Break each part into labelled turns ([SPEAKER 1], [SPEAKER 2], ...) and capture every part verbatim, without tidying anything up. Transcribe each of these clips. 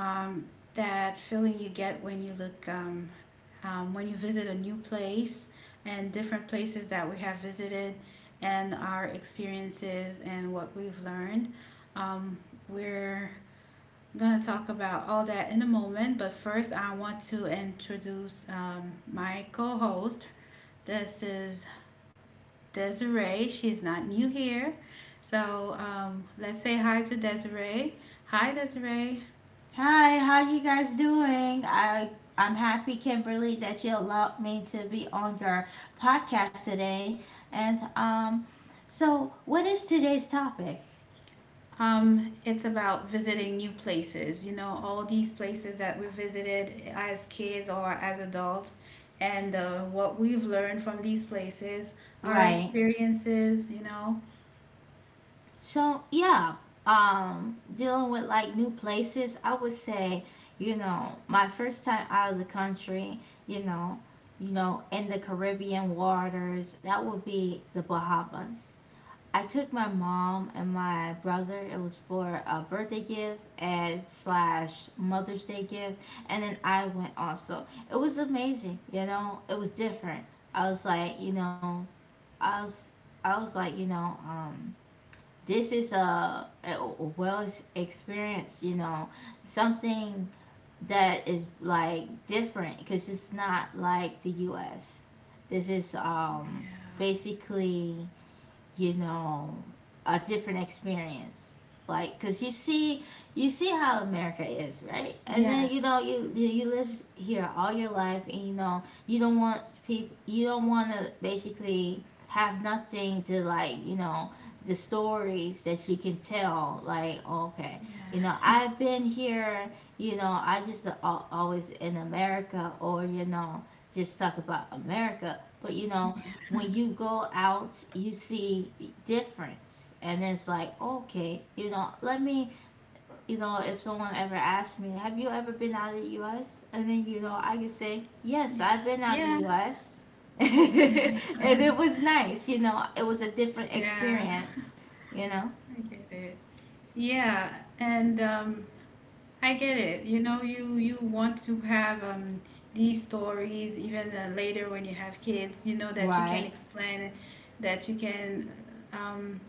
[SPEAKER 1] um, that feeling you get when you look, um, um, when you visit a new place and different places that we have visited and our experiences and what we've learned. Um, we're going to talk about all that in a moment, but first I want to introduce um, my co host. This is Desiree. She's not new here. So um, let's say hi to Desiree. Hi, Desiree.
[SPEAKER 2] Hi, how you guys doing? I I'm happy, Kimberly, that you allowed me to be on your podcast today. And um, so what is today's topic?
[SPEAKER 1] Um, it's about visiting new places, you know, all these places that we visited as kids or as adults, and uh, what we've learned from these places, our
[SPEAKER 2] Right.
[SPEAKER 1] experiences, you know.
[SPEAKER 2] So yeah, um, dealing with like new places. I would say, you know, my first time out of the country, you know, you know, in the Caribbean waters, that would be the Bahamas. I took my mom and my brother. It was for a birthday gift and slash Mother's Day gift, and then I went also. It was amazing, you know. It was different. I was like, you know, I was, I was like, you know, um, this is a, a well experience, you know, something that is like different because it's not like the U S. This is um
[SPEAKER 1] Yeah.
[SPEAKER 2] basically, you know, a different experience. Like, cause you see, you see how America is, right? And then you know,
[SPEAKER 1] Yes.
[SPEAKER 2] you you live here all your life, and you know, you don't want people, you don't want to basically have nothing to like, you know, the stories that you can tell. Like, oh, okay, you know,
[SPEAKER 1] Yeah.
[SPEAKER 2] I've been here, you know, I just al- always in America, or you know, just talk about America, but you know when you go out, you see difference. And it's like, okay, you know, let me, you know, if someone ever asks me, have you ever been out of the U S? And then, you know, I can say,
[SPEAKER 1] Yeah.
[SPEAKER 2] yes, I've been out of
[SPEAKER 1] Yeah.
[SPEAKER 2] the
[SPEAKER 1] Yeah.
[SPEAKER 2] U S. And it was nice, you know, it was a different
[SPEAKER 1] Yeah.
[SPEAKER 2] experience, you know?
[SPEAKER 1] I get it. Yeah, and um, I get it. You know, you you want to have um these stories even uh, later when you have kids. You know that you can
[SPEAKER 2] Right.
[SPEAKER 1] explain, that you can um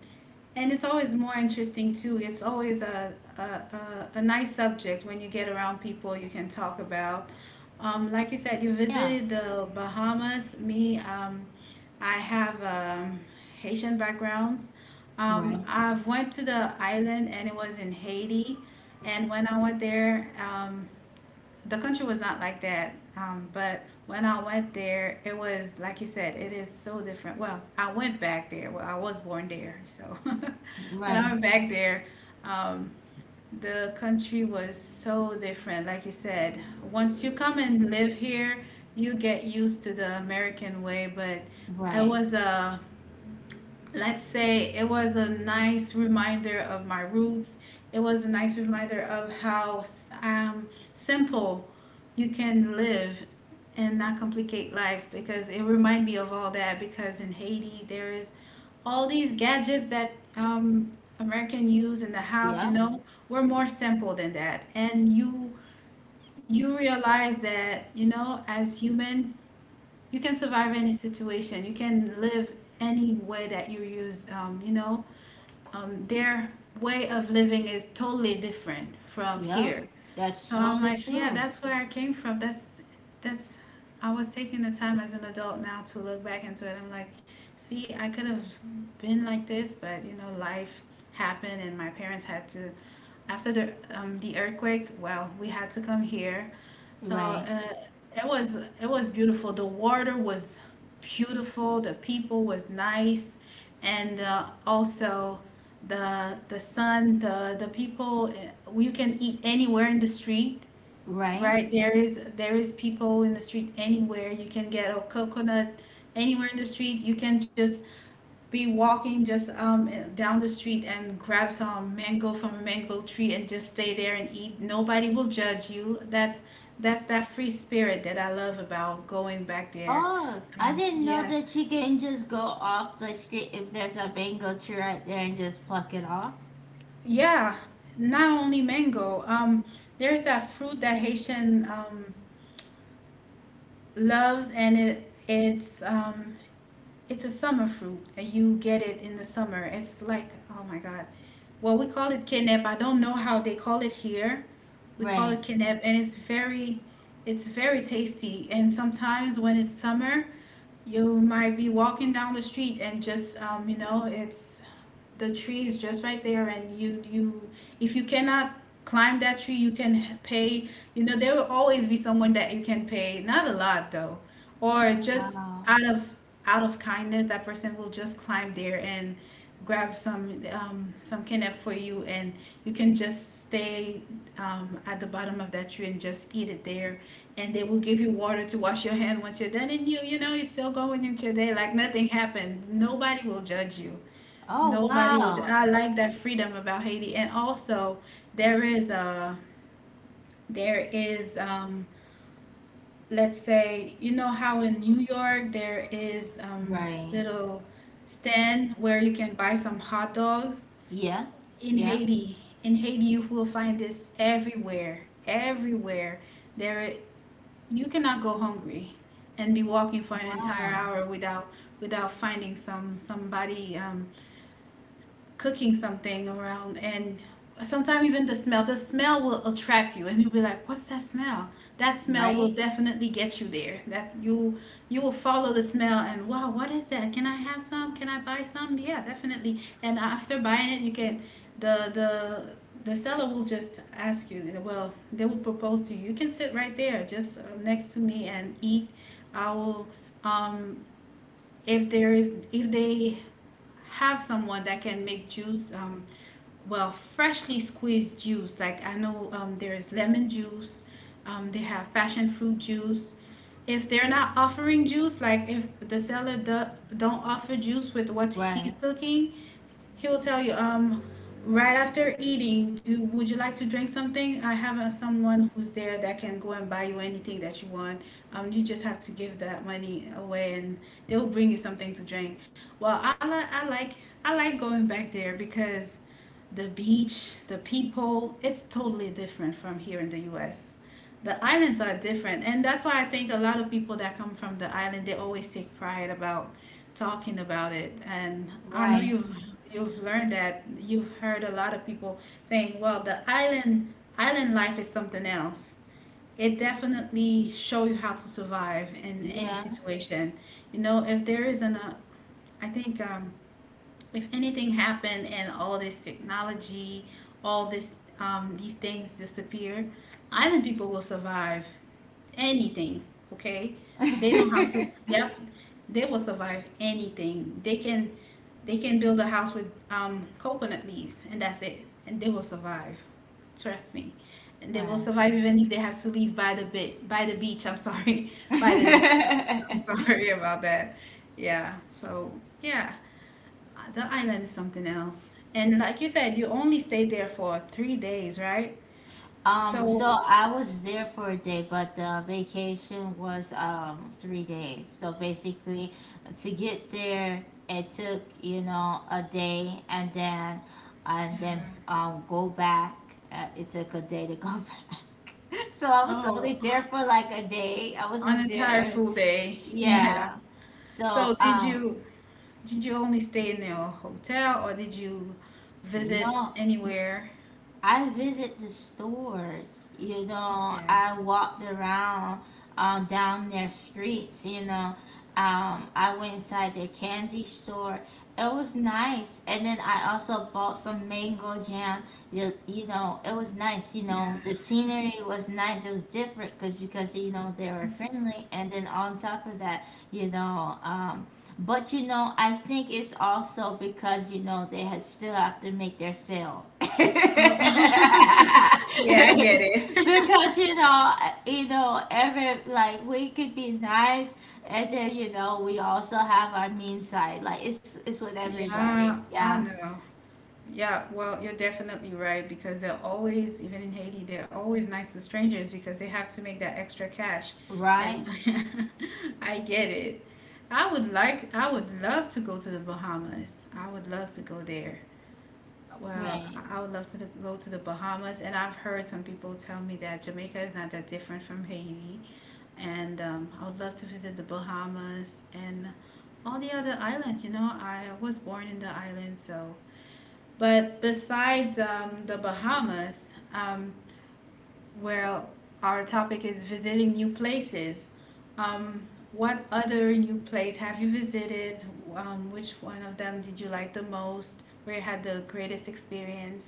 [SPEAKER 1] and it's always more interesting too. It's always a a, a, a nice subject when you get around people you can talk about. Um, like you said, you
[SPEAKER 2] Yeah.
[SPEAKER 1] visited the Bahamas. Me, um, I have um, Haitian backgrounds. Um,
[SPEAKER 2] Right.
[SPEAKER 1] I've went to the island and it was in Haiti. And when I went there, um, the country was not like that. Um, but when I went there, it was like you said, it is so different. Well, I went back there. Well, I was born there, so when I
[SPEAKER 2] Right.
[SPEAKER 1] went back there, um, the country was so different. Like you said, once you come and live here, you get used to the American way. But it
[SPEAKER 2] Right.
[SPEAKER 1] was a let's say it was a nice reminder of my roots. It was a nice reminder of how um, simple you can live and not complicate life because it reminded me of all that because in Haiti there is all these gadgets that um, American use in the house, you
[SPEAKER 2] Yeah.
[SPEAKER 1] know, we're more simple than that. And you you realize that, you know, as human, you can survive any situation. You can live any way that you use. Um, you know, um, their way of living is totally different from
[SPEAKER 2] Yeah.
[SPEAKER 1] here. So
[SPEAKER 2] That's
[SPEAKER 1] I'm
[SPEAKER 2] totally
[SPEAKER 1] like, yeah,
[SPEAKER 2] true.
[SPEAKER 1] that's where I came from. That's that's. I was taking the time as an adult now to look back into it. I'm like, see, I could have been like this, but you know, life happened, and my parents had to. After the um, the earthquake, well, we had to come here so
[SPEAKER 2] Right.
[SPEAKER 1] uh, it was it was beautiful. The water was beautiful. The people was nice, and uh, also the the sun. The the people. uh, You can eat anywhere in the street,
[SPEAKER 2] Right.
[SPEAKER 1] right? There is there is people in the street anywhere. You can get a coconut anywhere in the street. You can just be walking just um, down the street and grab some mango from a mango tree and just stay there and eat. Nobody will judge you. That's that's that free spirit that I love about going back there.
[SPEAKER 2] Oh, I
[SPEAKER 1] Um,
[SPEAKER 2] didn't know
[SPEAKER 1] yes,
[SPEAKER 2] that you can just go off the street if there's a mango tree right there and just pluck it off.
[SPEAKER 1] yeah. Not only mango. Um, there's that fruit that Haitian um, loves, and it it's um, It's a summer fruit, and you get it in the summer. It's like, oh my God. Well, we call it kenep. I don't know how they call it here. We call it
[SPEAKER 2] Right.
[SPEAKER 1] kenep, and it's very, it's very tasty. And sometimes when it's summer, you might be walking down the street and just, um, you know, it's the tree is just right there and you you if you cannot climb that tree you can pay you know there will always be someone that you can pay not a lot though or
[SPEAKER 2] Oh,
[SPEAKER 1] just
[SPEAKER 2] wow.
[SPEAKER 1] out of out of kindness that person will just climb there and grab some um, some kennel for you and you can just stay um, at the bottom of that tree and just eat it there, and they will give you water to wash your hand once you're done, and you you know you still go in with your day like nothing happened. Nobody will judge you.
[SPEAKER 2] Oh,
[SPEAKER 1] Nobody will. ju-
[SPEAKER 2] wow.
[SPEAKER 1] I like that freedom about Haiti, and also there is a there is um let's say you know how in New York there is um
[SPEAKER 2] Right.
[SPEAKER 1] little stand where you can buy some hot dogs.
[SPEAKER 2] Yeah.
[SPEAKER 1] In
[SPEAKER 2] Yeah.
[SPEAKER 1] Haiti, in Haiti you will find this everywhere, everywhere. There you cannot go hungry and be walking for
[SPEAKER 2] Oh,
[SPEAKER 1] an entire
[SPEAKER 2] wow.
[SPEAKER 1] hour without without finding some somebody um cooking something around, and sometimes even the smell the smell will attract you and you'll be like what's that smell. That smell will
[SPEAKER 2] Right.
[SPEAKER 1] definitely get you there. That's you You will follow the smell and wow what is that, can I have some, can I buy some, yeah definitely. And after buying it you can the the the seller will just ask you, well they will propose to you, you can sit right there just uh, next to me and eat. I will um if there is if they have someone that can make juice um well freshly squeezed juice, like I know um, there is lemon juice, um, they have passion fruit juice. If they're not offering juice, like if the seller do, don't offer juice with what he's
[SPEAKER 2] Right.
[SPEAKER 1] cooking, he will tell you, um, right after eating, do would you like to drink something? I have uh, someone who's there that can go and buy you anything that you want. Um, you just have to give that money away, and they will bring you something to drink. Well, I like I like I like going back there because the beach, the people, it's totally different from here in the U S. The islands are different, and that's why I think a lot of people that come from the island they always take pride about talking about it, and I know
[SPEAKER 2] Right.
[SPEAKER 1] you've you've learned that, you've heard a lot of people saying well the island, island life is something else. It definitely show you how to survive in any
[SPEAKER 2] Yeah.
[SPEAKER 1] situation. You know if there isn't a I think um, if anything happened and all this technology, all this um, these things disappear, island people will survive anything, okay? They know how to, yep, they will survive anything. They can they can build a house with um, coconut leaves and that's it. And they will survive. Trust me. And they will
[SPEAKER 2] Right.
[SPEAKER 1] survive even if they have to leave by the bit by the beach, I'm sorry. By the beach. I'm sorry about that. Yeah. So yeah. Uh, the island is something else. And like you said, you only stayed there for three days, right?
[SPEAKER 2] Um,
[SPEAKER 1] So
[SPEAKER 2] so I was there for a day, but the vacation was um three days. So basically, to get there, it took, you know, a day and then and
[SPEAKER 1] yeah.
[SPEAKER 2] then um go back. Uh, it took a day to go back. So I was
[SPEAKER 1] Oh,
[SPEAKER 2] only there for like a day. I
[SPEAKER 1] an
[SPEAKER 2] wasn't
[SPEAKER 1] entire
[SPEAKER 2] there.
[SPEAKER 1] full day. Yeah.
[SPEAKER 2] Yeah.
[SPEAKER 1] So
[SPEAKER 2] So
[SPEAKER 1] did
[SPEAKER 2] um
[SPEAKER 1] you did you only stay in a hotel or did you visit
[SPEAKER 2] no.
[SPEAKER 1] anywhere?
[SPEAKER 2] I visit the stores, you know,
[SPEAKER 1] Okay.
[SPEAKER 2] I walked around uh, down their streets, you know. Um, I went inside their candy store. It was nice. And then I also bought some mango jam. You, you know, it was nice, you
[SPEAKER 1] Yeah.
[SPEAKER 2] know. The scenery was nice. It was different cause, because, you know, they were friendly. And then on top of that, you know, um, but you know, I think it's also because you know they has still have to make their sale. Because
[SPEAKER 1] Oh. Yeah, I get it.
[SPEAKER 2] you know, uh, you know, every like we could be nice, and then you know we also have our mean side. Like it's it's with everybody.
[SPEAKER 1] Yeah,
[SPEAKER 2] Yeah.
[SPEAKER 1] I know. Yeah, well, you're definitely right because they're always, even in Haiti, they're always nice to strangers because they have to make that extra cash.
[SPEAKER 2] Right.
[SPEAKER 1] And I get it. I would like, I would love to go to the Bahamas. I would love to go there. Well,
[SPEAKER 2] Right.
[SPEAKER 1] I would love to go to the Bahamas, and I've heard some people tell me that Jamaica is not that different from Haiti, and um, I would love to visit the Bahamas and all the other islands. You know, I was born in the island, so. But besides um, the Bahamas, um, where our topic is visiting new places, um, what other new place have you visited? Um, which one of them did you like the most? Where you had the greatest experience?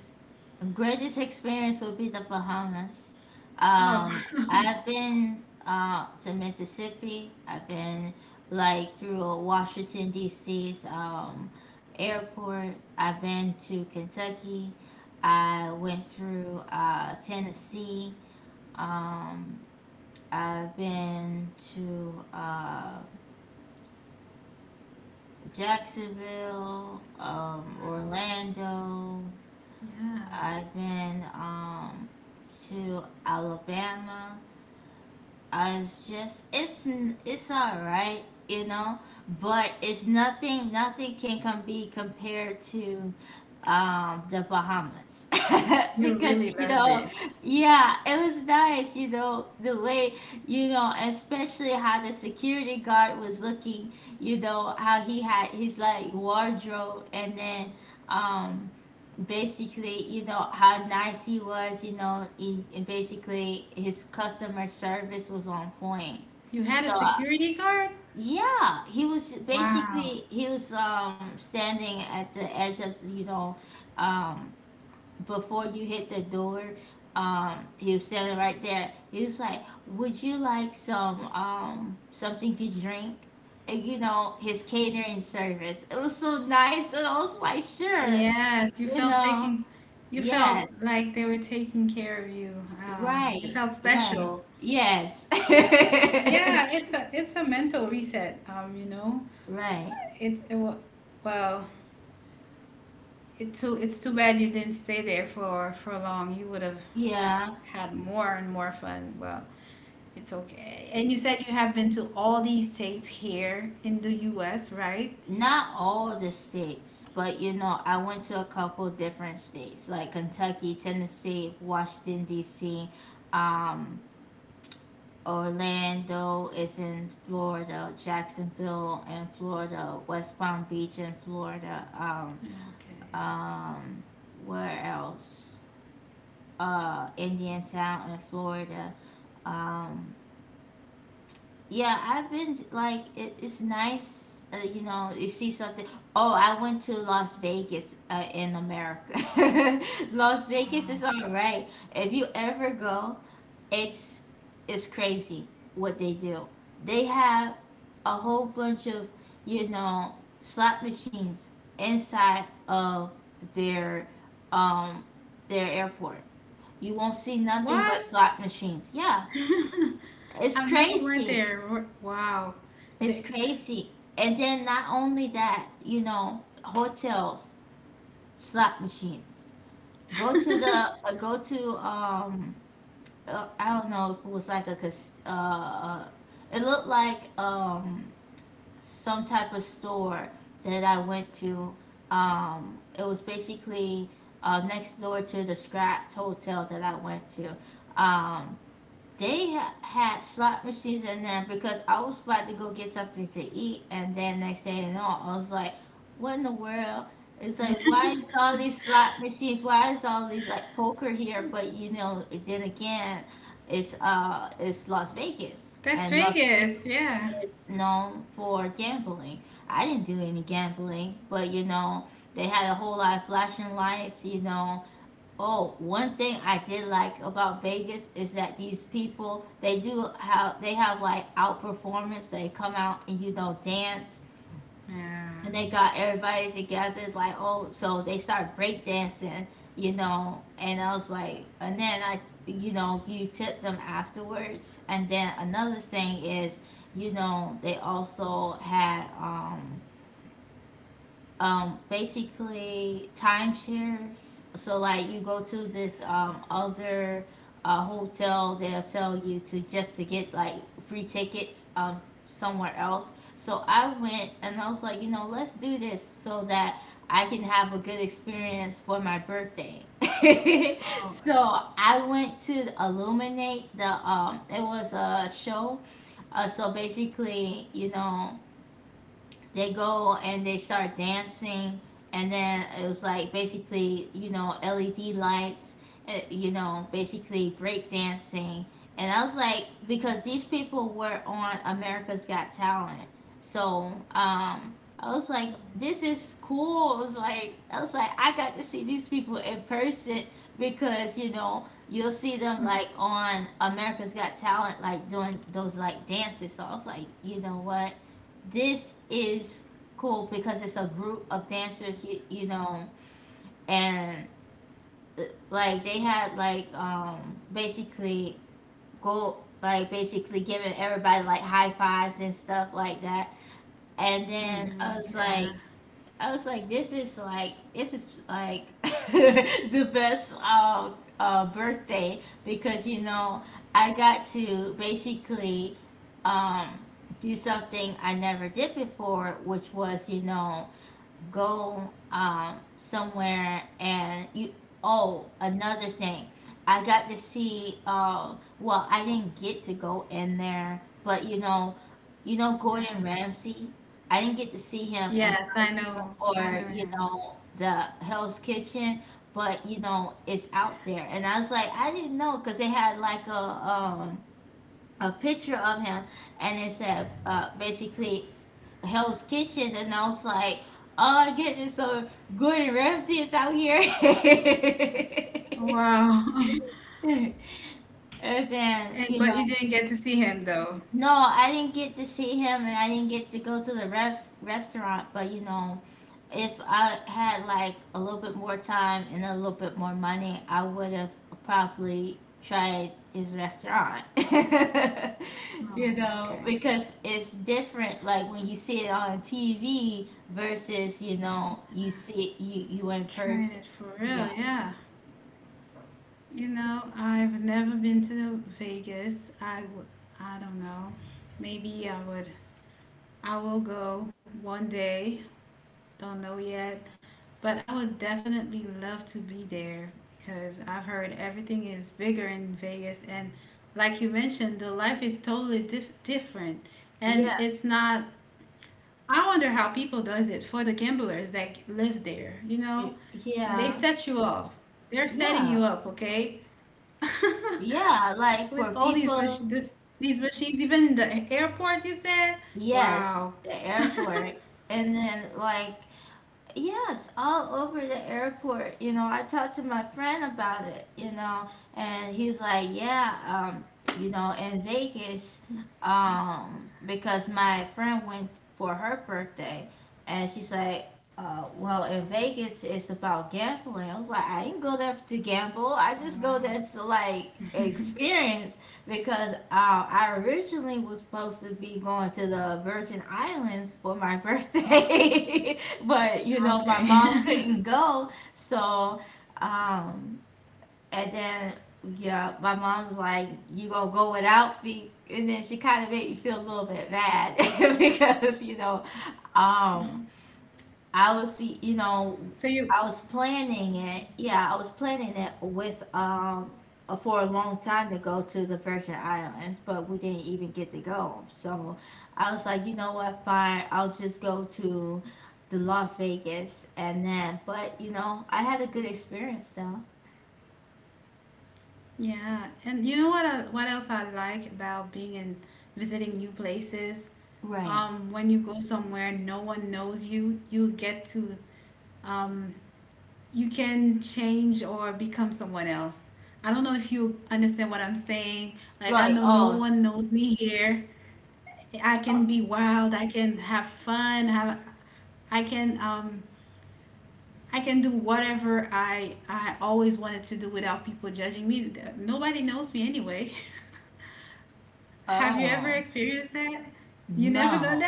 [SPEAKER 2] Greatest experience would be the Bahamas.
[SPEAKER 1] Oh,
[SPEAKER 2] Um, I've been uh, to Mississippi. I've been like through Washington D C's um, airport. I've been to Kentucky. I went through uh, Tennessee. Um, I've been to uh, Jacksonville, um,
[SPEAKER 1] wow.
[SPEAKER 2] Orlando,
[SPEAKER 1] Yeah.
[SPEAKER 2] I've been um to Alabama. I was just it's it's all right, you know, but it's nothing. Nothing can com- be compared to um the Bahamas.
[SPEAKER 1] You really
[SPEAKER 2] Because you
[SPEAKER 1] loved
[SPEAKER 2] know,
[SPEAKER 1] it.
[SPEAKER 2] yeah, it was nice, you know, the way, you know, especially how the security guard was looking, you know, how he had his like wardrobe, and then um basically, you know, how nice he was, you know, he, and basically his customer service was on point.
[SPEAKER 1] You had a
[SPEAKER 2] So, uh,
[SPEAKER 1] security guard?
[SPEAKER 2] yeah, he was
[SPEAKER 1] Wow.
[SPEAKER 2] basically, he was um standing at the edge of, the, you know, um before you hit the door, um he was standing right there. He was like, "Would you like some um something to drink?" And, you know, his catering service. It was so nice, and I was like, "Sure."
[SPEAKER 1] Yes, you
[SPEAKER 2] You
[SPEAKER 1] felt
[SPEAKER 2] know,
[SPEAKER 1] taking, you felt
[SPEAKER 2] yes.
[SPEAKER 1] like they were taking care of you. Uh, you
[SPEAKER 2] Right.
[SPEAKER 1] felt
[SPEAKER 2] Right.
[SPEAKER 1] special.
[SPEAKER 2] Yes.
[SPEAKER 1] Yeah, it's a it's a mental reset, um, you know.
[SPEAKER 2] Right.
[SPEAKER 1] It's it, wa- well, it too it's too bad you didn't stay there for for long. You would have
[SPEAKER 2] Yeah.
[SPEAKER 1] had more and more fun. Well, it's okay. And you said you have been to all these states here in the U S, right?
[SPEAKER 2] Not all the states, but you know, I went to a couple different states like Kentucky, Tennessee, Washington, D C, um, Orlando is in Florida, Jacksonville in Florida, West Palm Beach in Florida, um,
[SPEAKER 1] Okay.
[SPEAKER 2] um, where else? Uh, Indiantown in Florida, um, yeah, I've been like it, it's nice, uh, you know, you see something. Oh, I went to Las Vegas uh, in America. Las Vegas is
[SPEAKER 1] Wow.
[SPEAKER 2] all right. If you ever go, it's it's crazy what they do. They have a whole bunch of, you know, slot machines inside of their um their airport. You won't see nothing
[SPEAKER 1] What?
[SPEAKER 2] but slot machines. Yeah, it's
[SPEAKER 1] I've never went
[SPEAKER 2] crazy.
[SPEAKER 1] there. Wh- Wow.
[SPEAKER 2] It's
[SPEAKER 1] They-
[SPEAKER 2] crazy. And then not only that, you know, hotels, slot machines. Go to the uh, Go to um uh, I don't know if it was like a cas- uh uh, it looked like um some type of store that I went to. Um it was basically uh next door to the Scratch Hotel that I went to. Um they ha- had slot machines in there because I was about to go get something to eat, and then next day and all, I was like, "What in the world?" It's like, why is all these slot machines? Why is all these like poker here? But you know, then again, it's uh, it's Las Vegas,
[SPEAKER 1] That's
[SPEAKER 2] and Las
[SPEAKER 1] Vegas.
[SPEAKER 2] Vegas
[SPEAKER 1] Yeah.
[SPEAKER 2] is known for gambling. I didn't do any gambling, but you know, they had a whole lot of flashing lights. You know, oh, one thing I did like about Vegas is that these people they do how they have like outperformance. They come out and you know dance,
[SPEAKER 1] Yeah.
[SPEAKER 2] and they got everybody together. It's like oh, so they start break dancing, you know. And I was like, and then I, you know, you tip them afterwards. And then another thing is, you know, they also had um um basically timeshares, so like you go to this um other uh, hotel they'll tell you to just to get like free tickets um somewhere else. So I went and I was like, you know, let's do this so that I can have a good experience for my birthday.
[SPEAKER 1] Oh.
[SPEAKER 2] So I went to illuminate the um it was a show. Uh, so basically, you know, they go and they start dancing, and then it was like basically, you know, LED lights, uh, you know, basically break dancing. And I was like Because these people were on America's Got Talent. so um I was like, this is cool. it was like I was like I got to see these people in person, because you know you'll see them like on America's Got Talent like doing those like dances. So I was like, you know what, this is cool because it's a group of dancers, you, you know, and uh, like they had like um basically go like basically giving everybody like high fives and stuff like that. And
[SPEAKER 1] Mm.
[SPEAKER 2] then I
[SPEAKER 1] hmm
[SPEAKER 2] was
[SPEAKER 1] Yeah.
[SPEAKER 2] like, I was like, this is like this is like the best uh, uh, birthday, because you know I got to basically um, do something I never did before, which was you know go um somewhere and you oh another thing I got to see uh well I didn't get to go in there, but you know, you know, Gordon Ramsay. I didn't get to see him in
[SPEAKER 1] Yes, I
[SPEAKER 2] person,
[SPEAKER 1] know. I know
[SPEAKER 2] or you
[SPEAKER 1] him.
[SPEAKER 2] know the Hell's Kitchen, but you know it's out there. And I was like, I didn't know, because they had like a um a picture of him, and it said uh basically Hell's Kitchen, and I was like, oh my goodness, so Gordon Ramsay is out here.
[SPEAKER 1] Oh, wow.
[SPEAKER 2] And
[SPEAKER 1] And
[SPEAKER 2] then,
[SPEAKER 1] but
[SPEAKER 2] you
[SPEAKER 1] you
[SPEAKER 2] know.
[SPEAKER 1] didn't get to see him though.
[SPEAKER 2] No, I didn't get to see him, and I didn't get to go to the refs restaurant. But you know, if I had like a little bit more time and a little bit more money, I would have probably tried his restaurant.
[SPEAKER 1] Oh,
[SPEAKER 2] You know,
[SPEAKER 1] okay.
[SPEAKER 2] because it's different. Like when you see it on T V versus you know you see it, you you in
[SPEAKER 1] Trying
[SPEAKER 2] person.
[SPEAKER 1] it for
[SPEAKER 2] Yeah.
[SPEAKER 1] real, yeah. You know, I've never been to Vegas. I w- I don't know. Maybe I would. I will go one day. Don't know yet, but I would definitely love to be there because I've heard everything is bigger in Vegas and like you mentioned, the life is totally dif- different and it's
[SPEAKER 2] Yes.
[SPEAKER 1] not I wonder how people does it for the gamblers that live there, you know? They
[SPEAKER 2] Yeah.
[SPEAKER 1] set you up. They're setting you
[SPEAKER 2] Yeah.
[SPEAKER 1] up, okay?
[SPEAKER 2] Yeah. Like
[SPEAKER 1] With
[SPEAKER 2] for
[SPEAKER 1] all these
[SPEAKER 2] people.
[SPEAKER 1] machines, this, these machines, even in the airport, you said?
[SPEAKER 2] Yes,
[SPEAKER 1] Wow.
[SPEAKER 2] the airport. And then, like, yes, all over the airport. You know, I talked to my friend about it, you know, and he's like, yeah, um, you know, in Vegas, um, because my friend went for her birthday, and she's like, uh, well, in Vegas, it's about gambling. I was like, I didn't go there to gamble. I
[SPEAKER 1] Oh,
[SPEAKER 2] just go
[SPEAKER 1] wow.
[SPEAKER 2] there to, like, experience, because uh, I originally was supposed to be going to the Virgin Islands for my birthday, but you know my mom
[SPEAKER 1] Okay.
[SPEAKER 2] couldn't go, so um, and then yeah, my mom's like, "You gonna go without me?" And then she kind of made me feel a little bit bad. Because you know um I was, y- you know,
[SPEAKER 1] So you,
[SPEAKER 2] I was planning it. Yeah, I was planning it with um uh, for a long time to go to the Virgin Islands, but we didn't even get to go. So I was like, you know what, fine, I'll just go to the Las Vegas and then. But you know, I had a good experience though.
[SPEAKER 1] yeah, and you know what I, what else I like about being in visiting new places?
[SPEAKER 2] Right.
[SPEAKER 1] Um, when you go somewhere, no one knows you. You get to, um, you can change or become someone else. I don't know if you understand what I'm saying. Like I
[SPEAKER 2] Like,
[SPEAKER 1] know no
[SPEAKER 2] oh,
[SPEAKER 1] one knows me here. I
[SPEAKER 2] oh,
[SPEAKER 1] can be wild. I can have fun. Have, I can um I can do whatever I I always wanted to do without people judging me. Nobody knows me anyway. Have you ever
[SPEAKER 2] oh,
[SPEAKER 1] experienced that? You never done
[SPEAKER 2] no,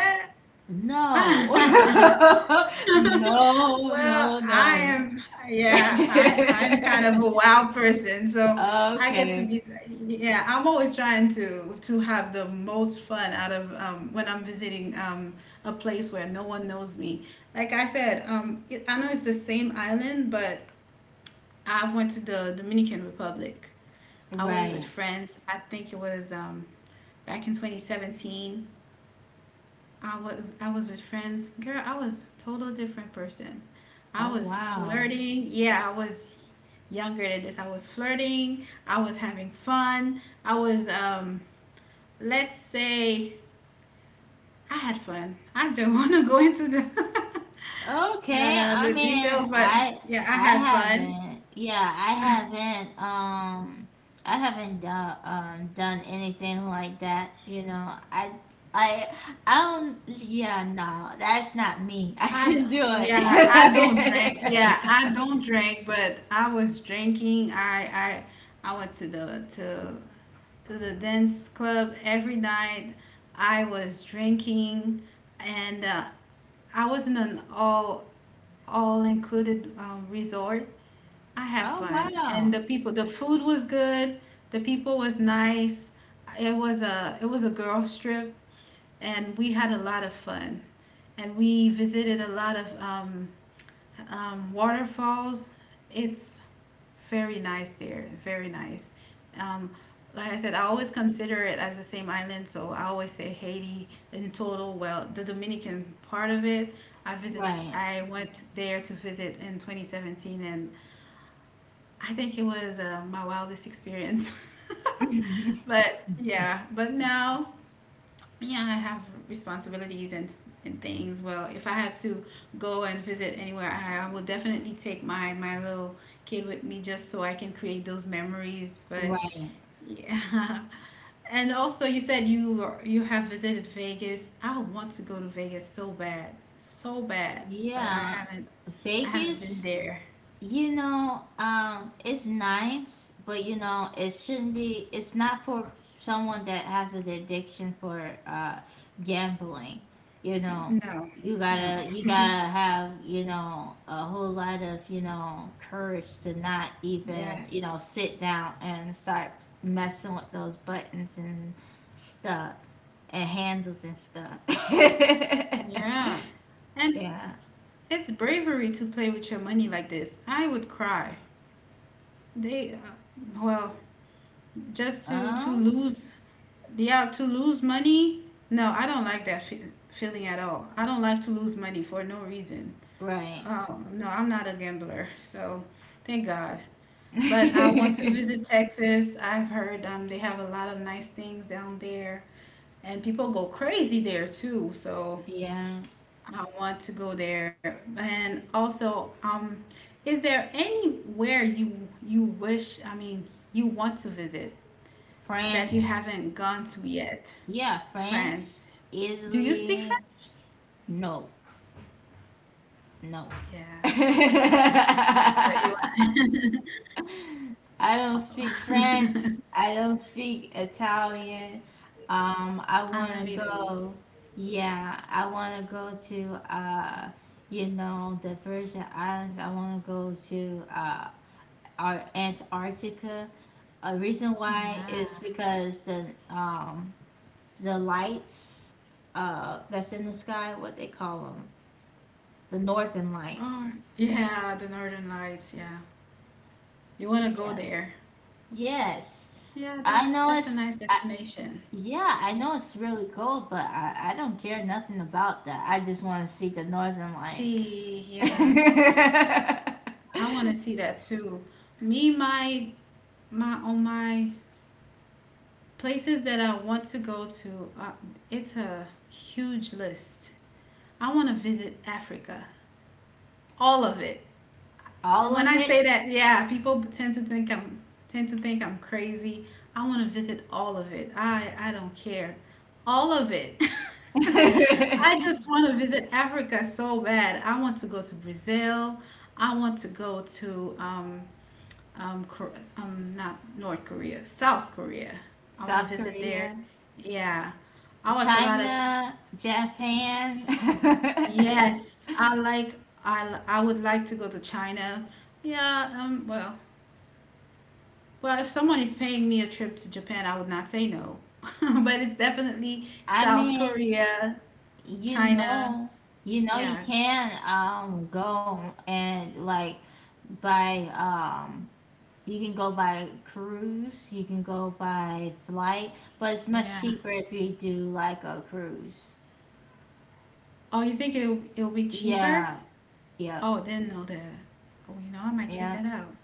[SPEAKER 2] no,
[SPEAKER 1] that?
[SPEAKER 2] no,
[SPEAKER 1] Well,
[SPEAKER 2] no,
[SPEAKER 1] I
[SPEAKER 2] no.
[SPEAKER 1] am, yeah, I I'm kind of a wild person, so I get to
[SPEAKER 2] Okay.
[SPEAKER 1] be, yeah, I'm always trying to to have the most fun out of um, when I'm visiting um, a place where no one knows me. Like I said, um, it- I know it's the same island, but I went to the Dominican Republic. I was with
[SPEAKER 2] Right.
[SPEAKER 1] friends. I think it was um, back in twenty seventeen. I was I was with friends. Girl, I was total different person. I
[SPEAKER 2] Oh
[SPEAKER 1] was
[SPEAKER 2] wow.
[SPEAKER 1] flirting. Yeah, I was younger than this. I was flirting. I was having fun. I was um let's say I had fun. I don't want to go into the
[SPEAKER 2] Okay.
[SPEAKER 1] the
[SPEAKER 2] I
[SPEAKER 1] the
[SPEAKER 2] mean,
[SPEAKER 1] details, but
[SPEAKER 2] I
[SPEAKER 1] yeah, I
[SPEAKER 2] I
[SPEAKER 1] had fun.
[SPEAKER 2] haven't. Yeah, I haven't. Um, I haven't done um done anything like that. You know, I I I don't. Yeah, no, that's not me. I
[SPEAKER 1] I d-
[SPEAKER 2] can do
[SPEAKER 1] yeah, I don't drink.
[SPEAKER 2] it.
[SPEAKER 1] Yeah, I don't drink, but I was drinking. I I I went to the to to the dance club every night. I was drinking, and uh, I was in an all all included uh, resort. I had
[SPEAKER 2] Oh
[SPEAKER 1] fun, and
[SPEAKER 2] wow.
[SPEAKER 1] the people, the food was good. The people was nice. It was a it was a girls trip, and we had a lot of fun. And we visited a lot of um, um, waterfalls. It's very nice there, very nice. Um, like I said, I always consider it as the same island, so I always say Haiti in total. Well, the Dominican part of it, I visit,
[SPEAKER 2] Right.
[SPEAKER 1] I went there to visit in twenty seventeen, and I think it was uh, my wildest experience. But yeah, but now yeah, I have responsibilities and and things. Well, if I had to go and visit anywhere, I, I would definitely take my my little kid with me just so I can create those memories. But
[SPEAKER 2] Right.
[SPEAKER 1] yeah, and also you said you are- you have visited Vegas. I want to go to Vegas so bad, so bad, but I
[SPEAKER 2] Yeah.
[SPEAKER 1] haven't I haven't been
[SPEAKER 2] Vegas.
[SPEAKER 1] there.
[SPEAKER 2] You know, um, it's nice, but you know, it shouldn't be. It's not for someone that has an addiction for uh, gambling. You know,
[SPEAKER 1] No,
[SPEAKER 2] you
[SPEAKER 1] no.
[SPEAKER 2] gotta you gotta have you know a whole lot of you know courage to not even you know
[SPEAKER 1] Yes.
[SPEAKER 2] sit down and start messing with those buttons and stuff and handles and stuff.
[SPEAKER 1] Yeah. And
[SPEAKER 2] Yeah.
[SPEAKER 1] it's bravery to play with your money like this. I would cry. They, uh, well, just to to
[SPEAKER 2] Um.
[SPEAKER 1] lose, yeah, to lose money. No, I don't like that fe- feeling at all. I don't like to lose money for no reason.
[SPEAKER 2] Right.
[SPEAKER 1] Oh no, I'm not a gambler, so thank God. But I want to visit Texas. I've heard um, they have a lot of nice things down there, and people go crazy there too. So
[SPEAKER 2] Yeah,
[SPEAKER 1] I want to go there. And also, um, is there anywhere you you wish? I mean, you want to visit? That you
[SPEAKER 2] France.
[SPEAKER 1] haven't gone to yet?
[SPEAKER 2] Yeah,
[SPEAKER 1] France.
[SPEAKER 2] France,
[SPEAKER 1] Do you speak
[SPEAKER 2] Italy.
[SPEAKER 1] French?
[SPEAKER 2] No, no. I
[SPEAKER 1] Yeah, but you
[SPEAKER 2] don't
[SPEAKER 1] are.
[SPEAKER 2] speak French. I don't speak Italian. Um, I
[SPEAKER 1] I
[SPEAKER 2] want
[SPEAKER 1] love
[SPEAKER 2] to
[SPEAKER 1] Italy.
[SPEAKER 2] go. Yeah, I want to go to uh, you know, the Virgin Islands. I want to go to uh, Ar- Antarctica. A reason why is
[SPEAKER 1] Yeah.
[SPEAKER 2] because the um the lights uh that's in the sky, what they call them, the northern
[SPEAKER 1] Oh,
[SPEAKER 2] lights.
[SPEAKER 1] yeah, the Northern Lights. Yeah, you want to go
[SPEAKER 2] Yeah.
[SPEAKER 1] there?
[SPEAKER 2] Yes,
[SPEAKER 1] Yeah,
[SPEAKER 2] I
[SPEAKER 1] that's
[SPEAKER 2] know
[SPEAKER 1] that's a
[SPEAKER 2] it's
[SPEAKER 1] nice
[SPEAKER 2] I,
[SPEAKER 1] destination.
[SPEAKER 2] yeah, I know it's really cold, but I, I don't care nothing about that, I just want to see the northern lights.
[SPEAKER 1] See, yeah, I want to see that too. Me, my my on my Places that I want to go to, uh, it's a huge list. I want to visit Africa. All of it.
[SPEAKER 2] All of
[SPEAKER 1] When I
[SPEAKER 2] it.
[SPEAKER 1] say that, yeah, people tend to think I'm tend to think I'm crazy. I want to visit all of it. I I don't care. All of it. I just want to visit Africa so bad. I want to go to Brazil. I want to go to um um Kor- um not North Korea, South Korea. I want to
[SPEAKER 2] South
[SPEAKER 1] visit there.
[SPEAKER 2] Korea,
[SPEAKER 1] Yeah. I watch a lot of
[SPEAKER 2] China, Japan.
[SPEAKER 1] yes, I like I li- I would like to go to China. Yeah, um well, well, if someone is paying me a trip to Japan, I would not say no. But it's definitely
[SPEAKER 2] I
[SPEAKER 1] South
[SPEAKER 2] mean,
[SPEAKER 1] Korea,
[SPEAKER 2] you
[SPEAKER 1] China.
[SPEAKER 2] know, you know, you
[SPEAKER 1] Yeah.
[SPEAKER 2] can um go and, like, by um you can go by cruise, you can go by flight, but it's much
[SPEAKER 1] Yeah.
[SPEAKER 2] cheaper if you do, like, a cruise.
[SPEAKER 1] Oh, you think it'll it'll be cheaper?
[SPEAKER 2] Yeah, yeah,
[SPEAKER 1] Oh, didn't know that. Oh, you know, I might check
[SPEAKER 2] yeah.
[SPEAKER 1] that out.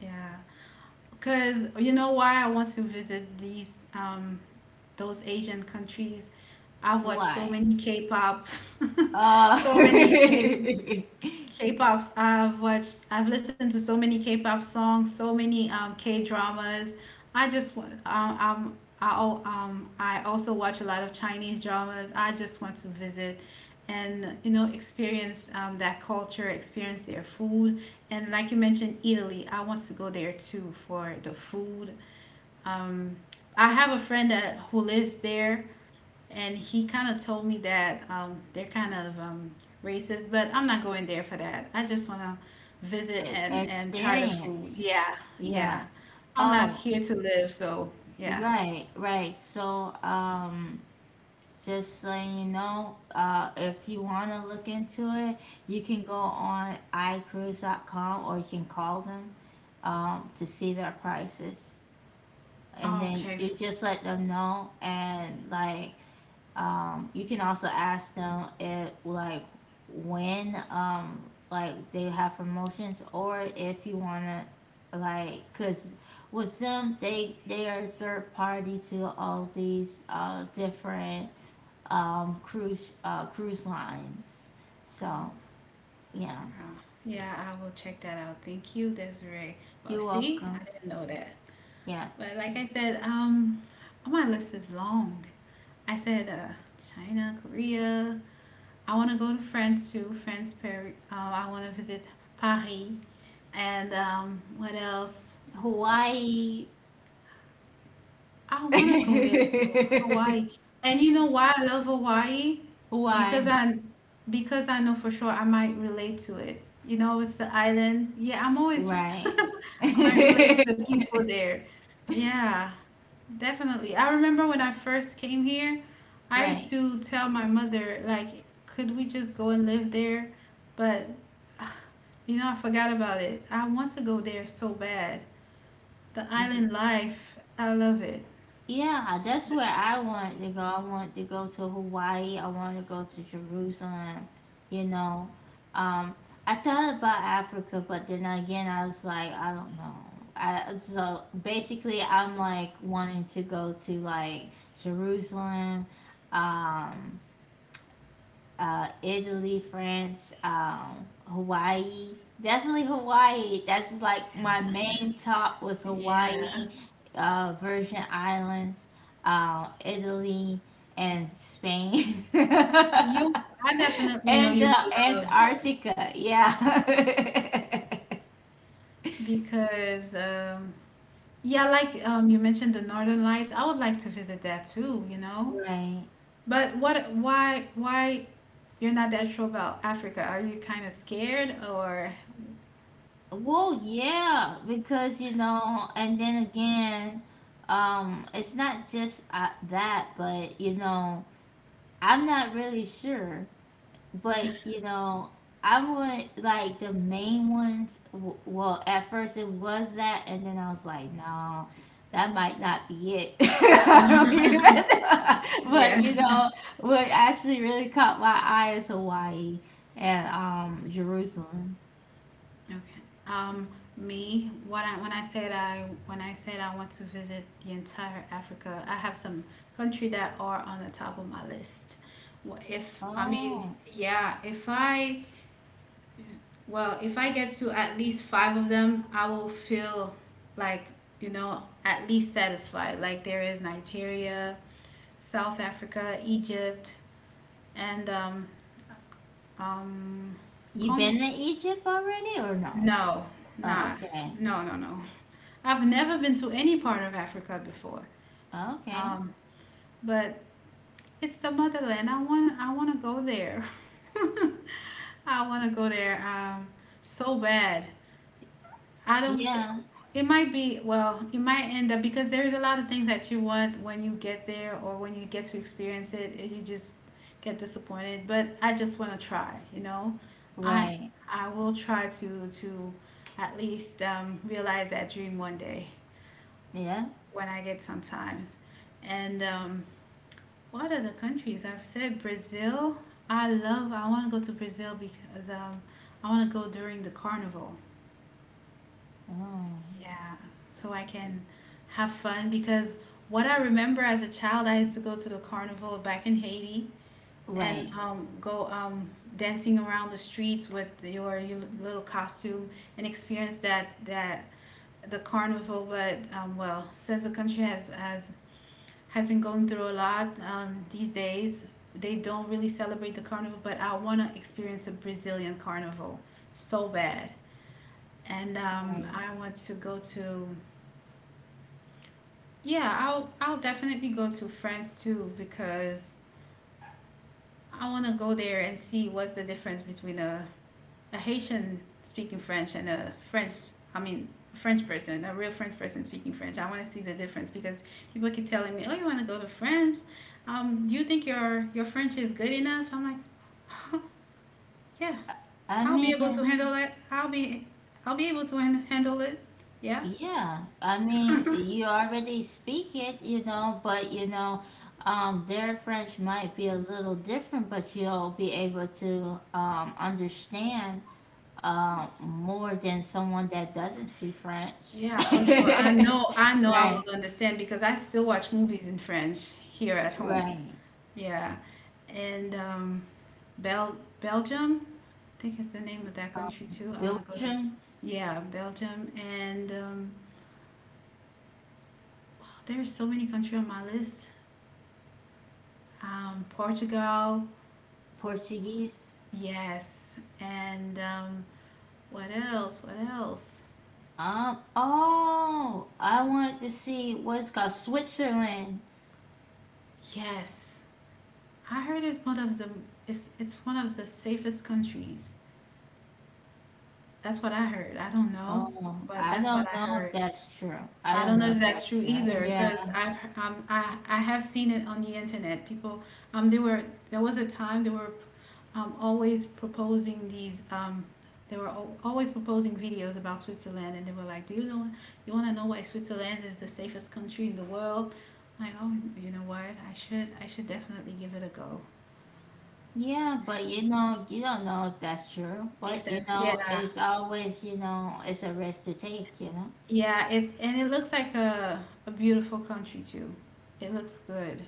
[SPEAKER 1] Yeah. Because you know why I want to visit these um those Asian countries? I've watched so
[SPEAKER 2] Why?
[SPEAKER 1] many K-pop,
[SPEAKER 2] Uh,
[SPEAKER 1] so many K
[SPEAKER 2] e-
[SPEAKER 1] K-pop. I've watched. I've listened to so many K-pop songs, so many um, K-dramas. I just want. Um, I'm. I al- um. I also watch a lot of Chinese dramas. I just want to visit, and you know, experience um, that culture, experience their food, and like you mentioned, Italy. I want to go there too for the food. Um, I have a friend that who lives there, and he kind of told me that um, they're kind of um, racist, but I'm not going there for that. I just want to visit and and try the food.
[SPEAKER 2] experience.
[SPEAKER 1] Yeah, yeah.
[SPEAKER 2] Yeah.
[SPEAKER 1] I'm not
[SPEAKER 2] Oh,
[SPEAKER 1] here to live, so yeah.
[SPEAKER 2] right, right. So. um, Just so you know, uh, if you want to look into it, you can go on i cruise dot com or you can call them um, to see their prices. And
[SPEAKER 1] Oh,
[SPEAKER 2] then
[SPEAKER 1] okay.
[SPEAKER 2] you just let them know. And, like, um, you can also ask them if, like, when, um, like, they have promotions, or if you want to, like, because with them, they, they are third party to all these uh, different um, cruise uh, cruise lines.
[SPEAKER 1] Oh,
[SPEAKER 2] So yeah,
[SPEAKER 1] wow. Yeah, I will check that out. Thank you, Desiree. Well,
[SPEAKER 2] you're
[SPEAKER 1] see,
[SPEAKER 2] welcome.
[SPEAKER 1] I didn't know that.
[SPEAKER 2] Yeah,
[SPEAKER 1] But like I said, um, oh, my list is long. I said uh, China, Korea, I want to go to France too. France, Paris. Uh, I want to visit Paris. And um, what else?
[SPEAKER 2] Hawaii.
[SPEAKER 1] I want to go there too, Hawaii. And you know why I love Hawaii? Because
[SPEAKER 2] Hawaii.
[SPEAKER 1] I because I know for sure I might relate to it. You know, it's the island. Yeah, I'm always
[SPEAKER 2] Right.
[SPEAKER 1] I might relate to the people there. Yeah, definitely. I remember when I first came here, I used
[SPEAKER 2] Right.
[SPEAKER 1] to tell my mother like, could we just go and live there? But you know, I forgot about it. I want to go there so bad. The island life, I love it.
[SPEAKER 2] Yeah, that's where I want to go. I want to go to Hawaii. I want to go to Jerusalem. You know, um, I thought about Africa, but then again, I was like, I don't know. I, so basically, I'm like wanting to go to like Jerusalem, um, uh, Italy, France, um, Hawaii. Definitely Hawaii. That's just like my main top was
[SPEAKER 1] Yeah.
[SPEAKER 2] Hawaii, uh, Virgin Islands, uh, Italy, and Spain, and
[SPEAKER 1] You I definitely know you
[SPEAKER 2] uh,
[SPEAKER 1] will love it
[SPEAKER 2] Antarctica. Yeah.
[SPEAKER 1] because um yeah, like um you mentioned the Northern Lights. I would like to visit that too, you know.
[SPEAKER 2] Right.
[SPEAKER 1] But what why why you're not that sure about Africa? Are you kind of scared or
[SPEAKER 2] Well, yeah, because you know, and then again, um, it's not just uh, that, but you know, I'm not really sure, but you know, I would like the main ones. w- Well, at first it was that, and then I was like, no, that might not be it. I don't even know.
[SPEAKER 1] yeah.
[SPEAKER 2] But you know, what actually really caught my eye is Hawaii and um Jerusalem.
[SPEAKER 1] Okay. Um, me, when I when I said I when I said I want to visit the entire Africa, I have some country that are on the top of my list. Wh- If I mean,
[SPEAKER 2] Oh,
[SPEAKER 1] yeah, if I Well, if I get to at least five of them, I will feel like, you know, at least satisfied. Like there is Nigeria, South Africa, Egypt, and um, um,
[SPEAKER 2] you
[SPEAKER 1] Congo.
[SPEAKER 2] been to Egypt already or no?
[SPEAKER 1] No,
[SPEAKER 2] Oh,
[SPEAKER 1] nah,
[SPEAKER 2] okay,
[SPEAKER 1] no, no, no. I've never been to any part of Africa before.
[SPEAKER 2] okay,
[SPEAKER 1] Um, but it's the motherland. I want, I want to go there. I want to go there um, so bad. I don't care.
[SPEAKER 2] yeah,
[SPEAKER 1] It might be, well, you might end up because there's a lot of things that you want when you get there or when you get to experience it, and you just get disappointed. But I just want to try, you know. I
[SPEAKER 2] right,
[SPEAKER 1] I will try to to at least um, realize that dream one day
[SPEAKER 2] yeah,
[SPEAKER 1] when I get some time. And um, what are the countries I've said? Brazil. I love. I want to go to Brazil because um, I want to go during the carnival.
[SPEAKER 2] oh,
[SPEAKER 1] Yeah, so I can have fun because what I remember as a child, I used to go to the carnival back in Haiti and
[SPEAKER 2] right.
[SPEAKER 1] um, go um, dancing around the streets with your, your little costume and experience that that the carnival. But um, well, since the country has has has been going through a lot um, these days, they don't really celebrate the carnival. But I want to experience a Brazilian carnival so bad, and um,
[SPEAKER 2] Right.
[SPEAKER 1] I want to go to yeah, I'll I'll definitely go to France too because I want to go there and see what's the difference between a, a Haitian speaking French and a French, I mean, French person, a real French person speaking French. I want to see the difference because people keep telling me, "Oh, you want to go to France? Um, do you think your your French is good enough?" I'm like, "Yeah,
[SPEAKER 2] I
[SPEAKER 1] I'll be able to
[SPEAKER 2] mean,
[SPEAKER 1] handle it. I'll be I'll be able to han- handle it." Yeah.
[SPEAKER 2] yeah. I mean, you already speak it, you know, but you know, um, their French might be a little different, but you'll be able to um, understand um more than someone that doesn't speak French.
[SPEAKER 1] Yeah, for sure. I know, I know I will
[SPEAKER 2] Right,
[SPEAKER 1] understand because I still watch movies in French here at home.
[SPEAKER 2] right.
[SPEAKER 1] Yeah. And um Bel Belgium, I think it's the name of that country too. I want to go to
[SPEAKER 2] Belgian.
[SPEAKER 1] yeah, Belgium and um there's so many countries on my list. Um Portugal,
[SPEAKER 2] Portuguese.
[SPEAKER 1] yes. And um what else? What else?
[SPEAKER 2] Um, oh, I want to see what's called Switzerland.
[SPEAKER 1] Yes. I heard it's one of the it's it's one of the safest countries. That's what I heard. I don't know,
[SPEAKER 2] Oh,
[SPEAKER 1] but
[SPEAKER 2] I
[SPEAKER 1] that's what
[SPEAKER 2] don't
[SPEAKER 1] I
[SPEAKER 2] know if
[SPEAKER 1] heard.
[SPEAKER 2] that's true. I
[SPEAKER 1] I
[SPEAKER 2] don't
[SPEAKER 1] don't know
[SPEAKER 2] know
[SPEAKER 1] if
[SPEAKER 2] if
[SPEAKER 1] that's
[SPEAKER 2] that's
[SPEAKER 1] true
[SPEAKER 2] true.
[SPEAKER 1] either,
[SPEAKER 2] Yeah.
[SPEAKER 1] because I've um, I I have seen it on the internet. People um they were there was a time they were um always proposing these um they were al- always proposing videos about Switzerland, and they were like, "Do you know? You want to know why Switzerland is the safest country in the world?" Like, oh, you know what? I should I should definitely give it a go.
[SPEAKER 2] Yeah, but you know, you don't know if that's true.
[SPEAKER 1] If
[SPEAKER 2] But you
[SPEAKER 1] that's
[SPEAKER 2] know,
[SPEAKER 1] yeah,
[SPEAKER 2] it's always, you know, it's a risk to take, you know?
[SPEAKER 1] Yeah, it and it looks like a a beautiful country too. It looks good.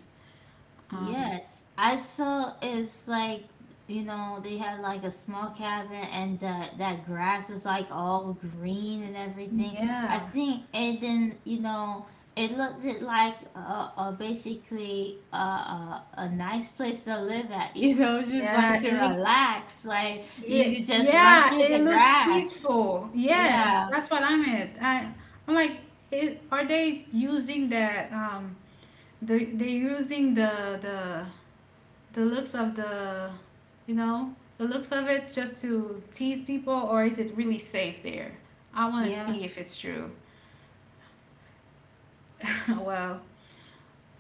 [SPEAKER 1] Um,
[SPEAKER 2] Yes, I saw it's like, you know, they had like a small cabin, and that, that grass is like all green and everything. I
[SPEAKER 1] yeah,
[SPEAKER 2] think it didn't, you know, it looked it like a, a basically a, a a nice place to live at. You know, just like
[SPEAKER 1] yeah.
[SPEAKER 2] to
[SPEAKER 1] It, look-
[SPEAKER 2] relax, like you
[SPEAKER 1] it
[SPEAKER 2] could just run
[SPEAKER 1] yeah,
[SPEAKER 2] through
[SPEAKER 1] it
[SPEAKER 2] the
[SPEAKER 1] looks
[SPEAKER 2] grass.
[SPEAKER 1] peaceful. Yes,
[SPEAKER 2] Yeah,
[SPEAKER 1] that's what I am at. I I'm like, it, are they using that? Um, they they're using the the the looks of the, you know, the looks of it just to tease people, or is it really safe there? I want to
[SPEAKER 2] yeah,
[SPEAKER 1] see if it's true. Well,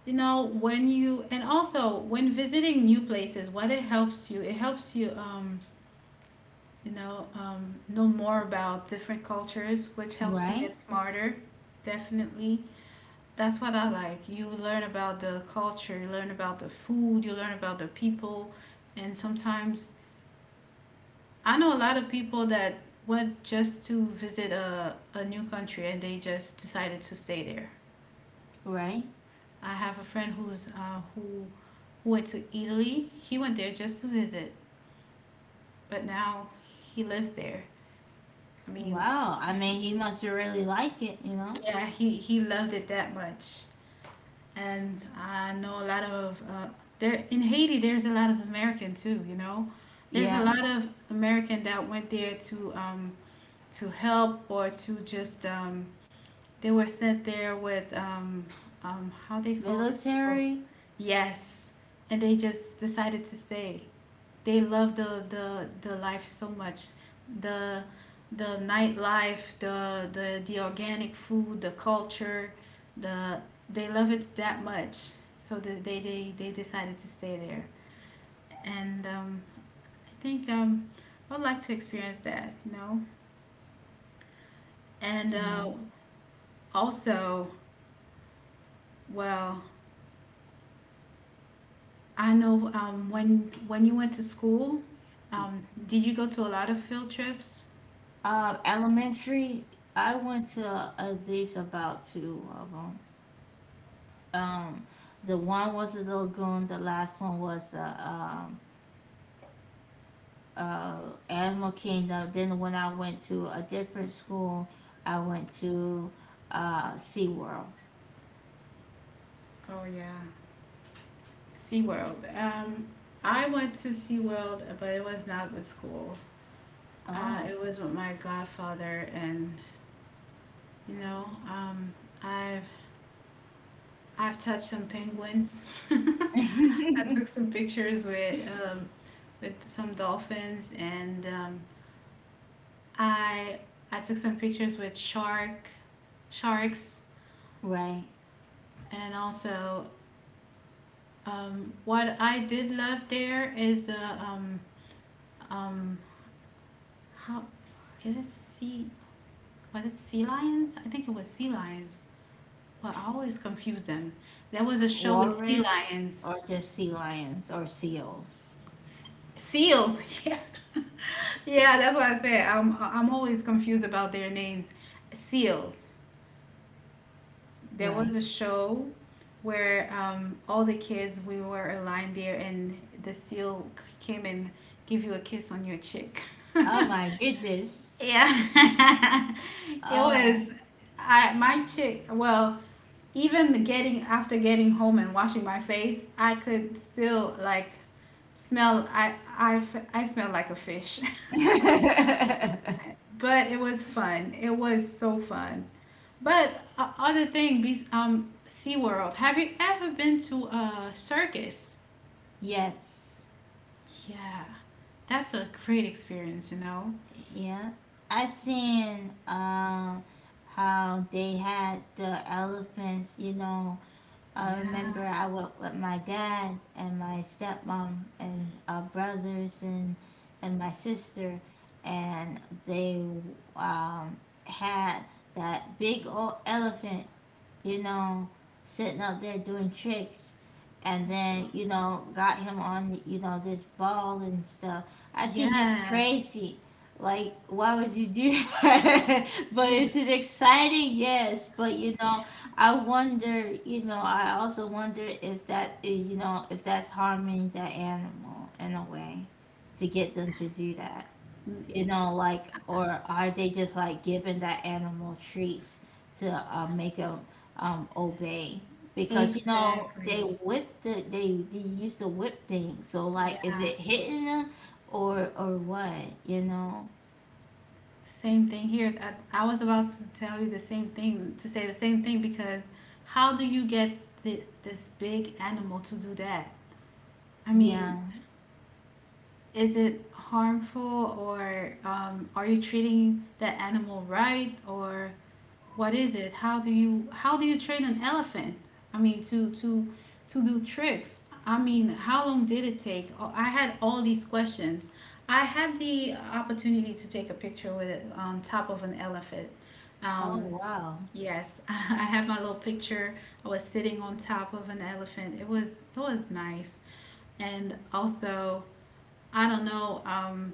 [SPEAKER 1] you know, when you and also when visiting new places, what it helps you it helps you, um you know um know more about different cultures, which helps you
[SPEAKER 2] right,
[SPEAKER 1] get smarter. Definitely, that's what I like. You learn about the culture, you learn about the food, you learn about the people. And sometimes I know a lot of people that went just to visit a, a new country, and they just decided to stay there.
[SPEAKER 2] right.
[SPEAKER 1] I have a friend who's uh, who went to Italy. He went there just to visit, but now he lives there. I mean,
[SPEAKER 2] Wow, I mean he must really like it. You know,
[SPEAKER 1] yeah, he he loved it that much. And I know a lot of uh, there in Haiti, there's a lot of American too. You know, there's a
[SPEAKER 2] yeah.
[SPEAKER 1] lot of American that went there to um, to help or to just um, they were sent there with um, um, how they call these people.
[SPEAKER 2] Military.
[SPEAKER 1] Yes, and they just decided to stay. They love the the the life so much, the the nightlife, the the the organic food, the culture. the they love it that much, so that they they, they decided to stay there. And um, I think um, I would like to experience that, you know, and uh,
[SPEAKER 2] Yeah.
[SPEAKER 1] also, well, I know, um, when when you went to school, um, did you go to a lot of field trips?
[SPEAKER 2] Um, elementary. I went to at least about two of them. Um, the one was the lagoon. The last one was the um, uh, Animal Kingdom. Then when I went to a different school, I went to uh, SeaWorld.
[SPEAKER 1] Oh yeah, SeaWorld. Um, I went to SeaWorld, but it was not with school. Uh,
[SPEAKER 2] Oh,
[SPEAKER 1] it was with my godfather, and you know, um, I've I've touched some penguins. I took some pictures with um, with some dolphins, and um, I I took some pictures with shark sharks,
[SPEAKER 2] right.
[SPEAKER 1] and also, um, what I did love there is the, um, um, how is it sea was it Sea Lions? I think it was Sea Lions. Well, I always confuse them. There was a show with sea
[SPEAKER 2] Walrus
[SPEAKER 1] lions.
[SPEAKER 2] or just sea lions or seals.
[SPEAKER 1] S- Seals. Yeah, yeah, that's what I said. I'm I'm always confused about their names. Seals. There
[SPEAKER 2] Right.
[SPEAKER 1] was a show where, um, all the kids we were aligned there, and the seal c- came and give you a kiss on your cheek.
[SPEAKER 2] Oh my goodness.
[SPEAKER 1] Yeah. It was.
[SPEAKER 2] Oh.
[SPEAKER 1] I my chick. Well, even getting after getting home and washing my face, I could still like smell. I I I smelled like a fish. But it was fun. It was so fun. But uh, other thing, be- um, SeaWorld. Have you ever been to a circus?
[SPEAKER 2] Yes.
[SPEAKER 1] Yeah, that's a great experience, you know.
[SPEAKER 2] Yeah. I seen uh, how they had the elephants, you know. I
[SPEAKER 1] Yeah.
[SPEAKER 2] remember I went with my dad and my stepmom and uh, brothers and and my sister, and they um, had that big old elephant, you know, sitting up there doing tricks. And then, you know, got him on, you know, this ball and stuff. I think that's
[SPEAKER 1] Yes.
[SPEAKER 2] crazy. Like, why would you do that? But
[SPEAKER 1] Ex-
[SPEAKER 2] is it exciting? Yes. But, you know, I wonder, you know, I also wonder if that, eh, you know, if that's harming the animal in a way to get them to do that, you know? Like, or are they just like giving that animal treats to uh, make them um, obey? Because you know they
[SPEAKER 1] Exactly.
[SPEAKER 2] whip the they, they use the whip thing. So, like, is
[SPEAKER 1] Yeah.
[SPEAKER 2] it hitting them or or what? You know?
[SPEAKER 1] Same thing here. I, I was about to tell you the same thing, to say the same thing, because how do you get thi- this big animal to do that? I mean,
[SPEAKER 2] Yeah.
[SPEAKER 1] is it harmful, or um, are you treating that animal right, or what is it, how do you how do you train an elephant? I mean, to to to do tricks. I mean, how long did it take? Oh, I had all these questions. I had the opportunity to take a picture with it on top of an elephant.
[SPEAKER 2] Oh
[SPEAKER 1] um,
[SPEAKER 2] wow.
[SPEAKER 1] yes. I had my little picture. I was sitting on top of an elephant. It was it was nice. And also, I don't know, um,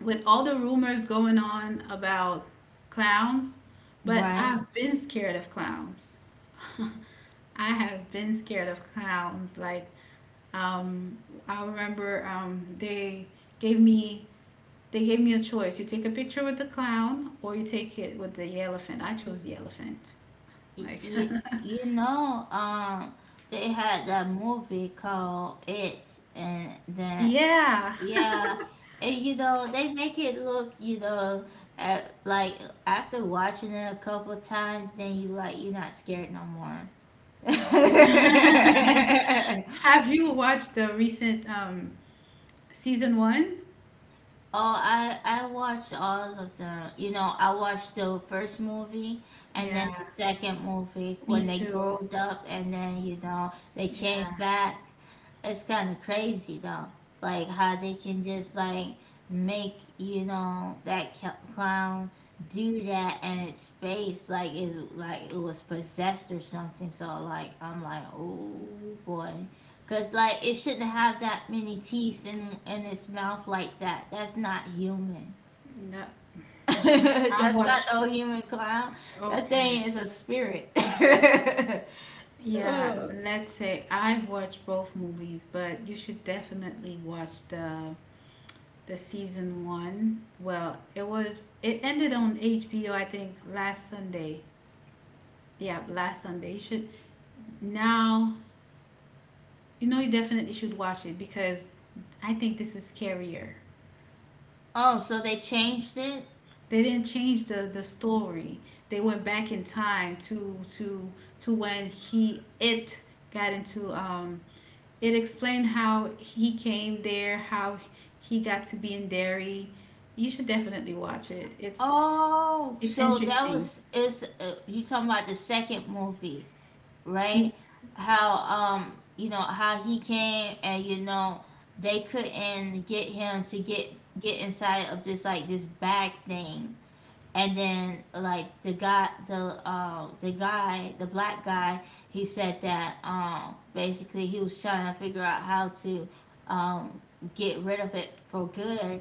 [SPEAKER 1] with all the rumors going on about clowns, but
[SPEAKER 2] Right.
[SPEAKER 1] I've been scared of clowns. I have been scared of clowns. Like, um, I remember, um, they gave me they gave me a choice. You take a picture with the clown, or you take it with the elephant. I chose the elephant. Like,
[SPEAKER 2] You you know, um, they had that movie called It, and that.
[SPEAKER 1] yeah.
[SPEAKER 2] Yeah, and you know, they make it look, you know, at, like, after watching it a couple times, then you like you're not scared no more.
[SPEAKER 1] Have you watched the recent, um, season one?
[SPEAKER 2] Oh, I I watched all of them. You know, I watched the first movie and then
[SPEAKER 1] Yeah,
[SPEAKER 2] the second movie when
[SPEAKER 1] me
[SPEAKER 2] they
[SPEAKER 1] too.
[SPEAKER 2] growed up, and then, you know, they came
[SPEAKER 1] Yeah,
[SPEAKER 2] back. It's kind of crazy though, like how they can just like make, you know, that cl- clown do that, and its face like is like it was possessed or something, so, like, I'm like, oh boy. Because like it shouldn't have that many teeth in in its mouth like that. That's not human.
[SPEAKER 1] no, I've
[SPEAKER 2] That's not
[SPEAKER 1] watched.
[SPEAKER 2] no human clown. That thing
[SPEAKER 1] Okay.
[SPEAKER 2] is a spirit.
[SPEAKER 1] Yeah,
[SPEAKER 2] Oh,
[SPEAKER 1] let's say I've watched both movies, but you should definitely watch the the season one. Well, it was it ended on H B O, I think, last Sunday. Yeah, last Sunday. You should Now you know you definitely should watch it, because I think this is scarier.
[SPEAKER 2] so they changed it.
[SPEAKER 1] They didn't change the the story. They went back in time to to to when he it got into, um it explained how he came there, how he got to be in Derry. You should definitely watch it. It's
[SPEAKER 2] Oh,
[SPEAKER 1] it's
[SPEAKER 2] so that
[SPEAKER 1] interesting.
[SPEAKER 2] was, it's uh, you talking about the second movie, right? How, um, you know how he came, and you know they couldn't get him to get get inside of this like this bag thing, and then like the guy the uh the guy, the black guy, he said that, um, basically he was trying to figure out how to um get rid of it for good,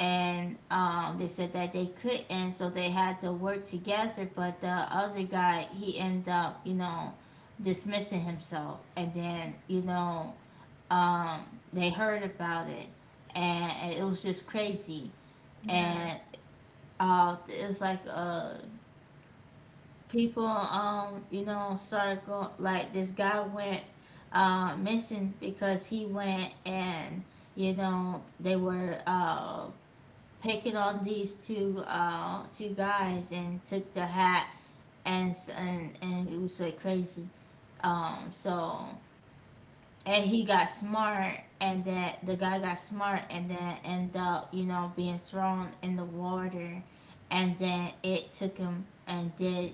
[SPEAKER 2] and, um, they said that they couldn't, so they had to work together, but the other guy, he ended up, you know, dismissing himself, and then, you know, um they heard about it, and it was just crazy.
[SPEAKER 1] Yeah.
[SPEAKER 2] And uh, it was like a people, um you know, started going like this guy went uh missing because he went and, you know, they were, uh picking on these two uh two guys and took the hat, and s- and and it was like crazy, um, so, and he got smart, and that the guy got smart, and then ended up, you know, being thrown in the water, and then it took him and did,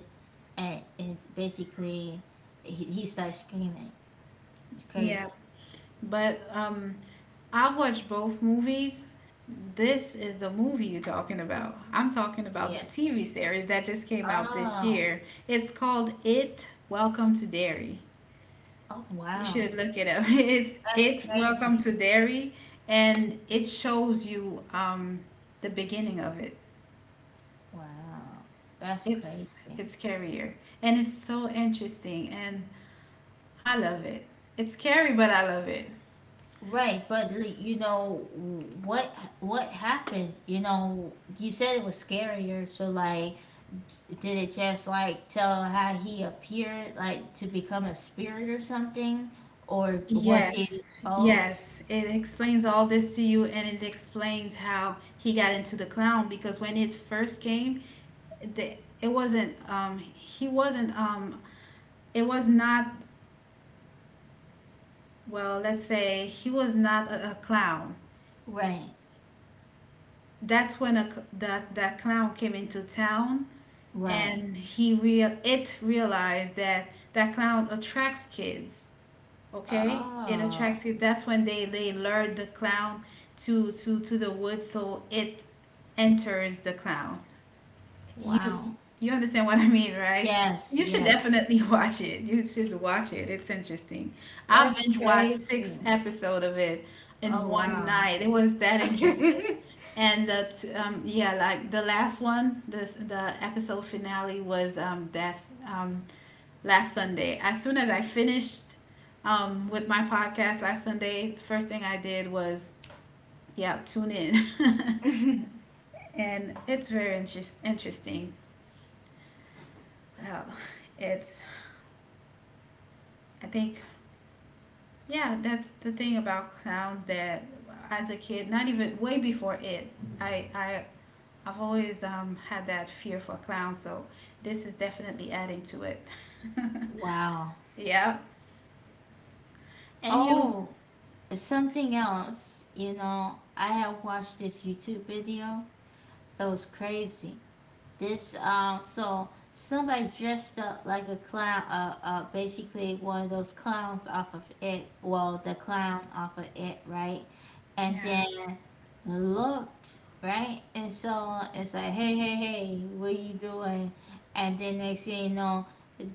[SPEAKER 2] and it's basically he, he starts screaming. It's crazy.
[SPEAKER 1] Yeah. But um, I've watched both movies. This is the movie you're talking about. I'm talking about
[SPEAKER 2] Yeah.
[SPEAKER 1] the T V series that just came out this
[SPEAKER 2] Oh.
[SPEAKER 1] year. It's called It, Welcome to Derry.
[SPEAKER 2] Oh
[SPEAKER 1] You
[SPEAKER 2] wow.
[SPEAKER 1] should look it up. It's
[SPEAKER 2] That's
[SPEAKER 1] It, Welcome
[SPEAKER 2] crazy.
[SPEAKER 1] to Derry, and it shows you, um, the beginning of it.
[SPEAKER 2] Wow. That's
[SPEAKER 1] It's
[SPEAKER 2] crazy.
[SPEAKER 1] it's scarier, and it's so interesting, and I love it. It's scary, but I love it.
[SPEAKER 2] Right, but l- you know what what happened? You know, you said it was scarier. So, like, did it just like tell how he appeared, like to become a spirit or something, or was he?
[SPEAKER 1] Yes,
[SPEAKER 2] Oh,
[SPEAKER 1] yes. It explains all this to you, and it explains how he got into the clown, because when it first came, the, it wasn't. Um, he wasn't. Um, it was not. Well, let's say he was not a, a clown.
[SPEAKER 2] right,
[SPEAKER 1] That's when a, cl- that that clown came into town,
[SPEAKER 2] right.
[SPEAKER 1] and he real it realized that that clown attracts kids. Okay, it
[SPEAKER 2] Oh,
[SPEAKER 1] attracts kids. That's when they they lured the clown to to to the woods, so it enters the clown.
[SPEAKER 2] wow.
[SPEAKER 1] you you understand what I mean, right?
[SPEAKER 2] Yes,
[SPEAKER 1] You should
[SPEAKER 2] yes.
[SPEAKER 1] definitely watch it. You should watch it. It's interesting. I
[SPEAKER 2] That's
[SPEAKER 1] binge watched six
[SPEAKER 2] crazy.
[SPEAKER 1] episode of it in
[SPEAKER 2] Oh,
[SPEAKER 1] one
[SPEAKER 2] wow.
[SPEAKER 1] night. It was that interesting. And the t- um yeah, like the last one, this the episode finale was, um that's, um last Sunday. As soon as I finished, um with my podcast last Sunday, the first thing I did was, yeah, tune in. And it's very interest- interesting. Hell, it's I think, yeah, that's the thing about clowns, that as a kid, not even way before it, I I I've always, um, had that fear for clowns, so this is definitely adding to it.
[SPEAKER 2] Wow.
[SPEAKER 1] Yeah.
[SPEAKER 2] Oh, something else. You know, I have watched this YouTube video. It was crazy. This, um, so somebody dressed up like a clown. Uh, uh, basically one of those clowns off of it. Well, the clown off of it, right? And
[SPEAKER 1] Yeah.
[SPEAKER 2] then looked right, and so it's like, hey hey hey, what you doing? And then next thing you know,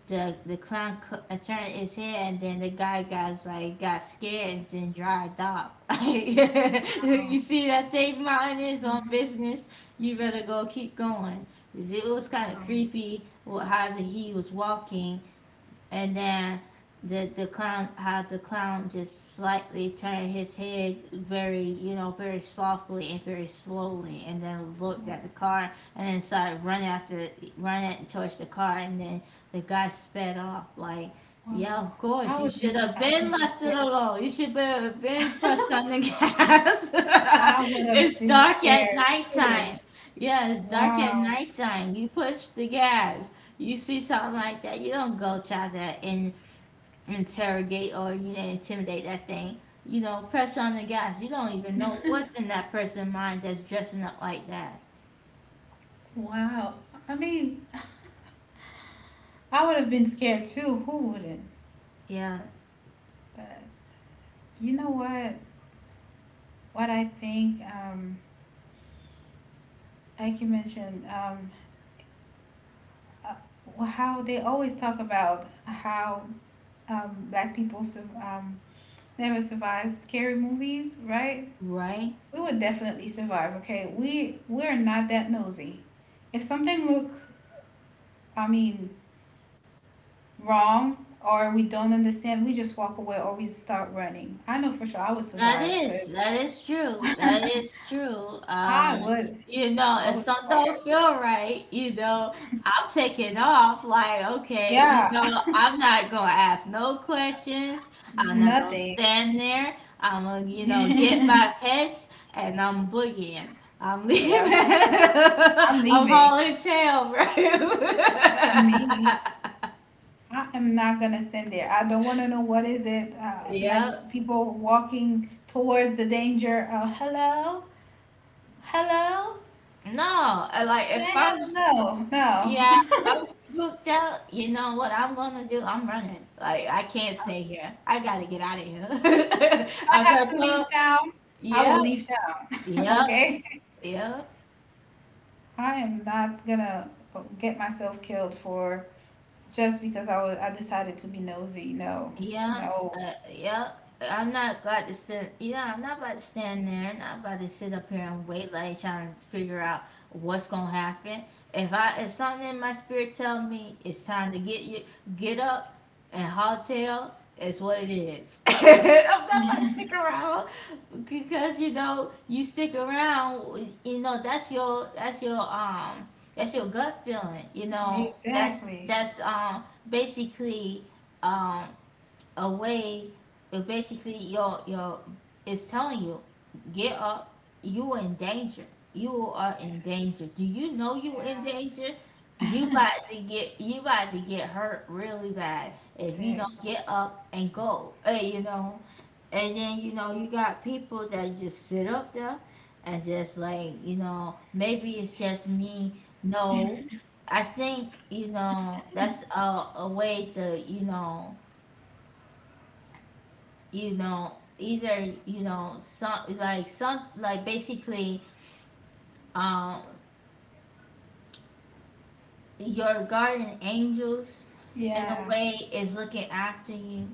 [SPEAKER 2] the the clown co- attorney is here, and then the guy got like got scared and then dried up. You
[SPEAKER 1] Wow.
[SPEAKER 2] see that thing, mountain is on business, you better go, keep going. 'Cause it was kind of
[SPEAKER 1] Wow.
[SPEAKER 2] creepy with how the, he was walking, and then the the clown, how the clown just slightly turned his head very, you know, very softly and very slowly, and then looked at the car, and then started running after, running towards the car, and then the guy sped off like, yeah,
[SPEAKER 1] Wow.
[SPEAKER 2] of course,
[SPEAKER 1] I
[SPEAKER 2] you
[SPEAKER 1] would
[SPEAKER 2] should
[SPEAKER 1] be
[SPEAKER 2] have
[SPEAKER 1] I
[SPEAKER 2] been
[SPEAKER 1] would be
[SPEAKER 2] left it
[SPEAKER 1] scared.
[SPEAKER 2] alone, you should be- have been pressed on the gas.
[SPEAKER 1] I would have
[SPEAKER 2] It's
[SPEAKER 1] been
[SPEAKER 2] dark at
[SPEAKER 1] scared too.
[SPEAKER 2] nighttime. Yeah, it's dark at
[SPEAKER 1] Wow.
[SPEAKER 2] nighttime, you push the gas. You see something like that, you don't go try to in, interrogate or, you know, intimidate that thing. You know, pressure on the guys. You don't even know what's in that person's mind that's dressing up like that.
[SPEAKER 1] Wow. I mean, I would have been scared too. Who wouldn't?
[SPEAKER 2] Yeah,
[SPEAKER 1] But you know what? What I think, um, like you mentioned, um, uh, how they always talk about how, um, black people sur- um, never survive scary movies, right?
[SPEAKER 2] right.
[SPEAKER 1] We would definitely survive. Okay, we we're not that nosy. If something look, I mean, wrong, or we don't understand, we just walk away or we start running. I know for sure I would
[SPEAKER 2] That
[SPEAKER 1] survive,
[SPEAKER 2] is
[SPEAKER 1] because
[SPEAKER 2] that is true. That is true.
[SPEAKER 1] I
[SPEAKER 2] Um,
[SPEAKER 1] would
[SPEAKER 2] you know,
[SPEAKER 1] I
[SPEAKER 2] if
[SPEAKER 1] would
[SPEAKER 2] something
[SPEAKER 1] survive.
[SPEAKER 2] don't feel right, you know, I'm taking off. Like, okay, you
[SPEAKER 1] Yeah,
[SPEAKER 2] know, I'm not gonna ask no questions. I'm not gonna
[SPEAKER 1] nothing.
[SPEAKER 2] stand there. I'm gonna, you know, get my pets and I'm boogieing. I'm leaving.
[SPEAKER 1] Yeah, I'm
[SPEAKER 2] I'm
[SPEAKER 1] leaving.
[SPEAKER 2] hauling tail, bro.
[SPEAKER 1] Me, I am not gonna stand there. I don't want to know what is it, uh,
[SPEAKER 2] Yeah.
[SPEAKER 1] like. People walking towards the danger. Uh, hello, hello.
[SPEAKER 2] No, I like
[SPEAKER 1] Can
[SPEAKER 2] if
[SPEAKER 1] I
[SPEAKER 2] I'm
[SPEAKER 1] have,
[SPEAKER 2] s-
[SPEAKER 1] no,
[SPEAKER 2] Yeah, if I'm
[SPEAKER 1] no?
[SPEAKER 2] spooked out. You know what I'm gonna do? I'm running. Like I can't stay here. I gotta get out of here.
[SPEAKER 1] If I
[SPEAKER 2] I
[SPEAKER 1] have to
[SPEAKER 2] thought,
[SPEAKER 1] leave town, I will
[SPEAKER 2] yeah,
[SPEAKER 1] leave town.
[SPEAKER 2] yeah,
[SPEAKER 1] Okay,
[SPEAKER 2] yeah.
[SPEAKER 1] I am not gonna get myself killed for, just because I was I decided to be nosy. No,
[SPEAKER 2] Yeah,
[SPEAKER 1] no.
[SPEAKER 2] uh, yeah. I'm not glad to stand. Yeah, I'm not about to stand there. I'm not about to sit up here and wait, like trying to figure out what's gonna happen. If I, if something in my spirit tell me it's time to get you, get up and hotel. It's what it is. I'm not about to stick around, because you know you stick around. You know that's your that's your um that's your gut feeling. You know that's
[SPEAKER 1] Exactly.
[SPEAKER 2] that's um basically. um a way of basically your your is telling you get up. You are in danger. You are in danger. Do you know you in
[SPEAKER 1] Yeah.
[SPEAKER 2] danger? You about to get you about to get hurt really bad if you don't
[SPEAKER 1] Dang.
[SPEAKER 2] get up and go, eh, you know and then you know you got people that just sit up there and just, like, you know, maybe it's just me. No, I think, you know, that's a, a way to, you know, you know, either, you know, some like some like basically. um your guardian angels in a
[SPEAKER 1] Yeah.
[SPEAKER 2] way is looking after you,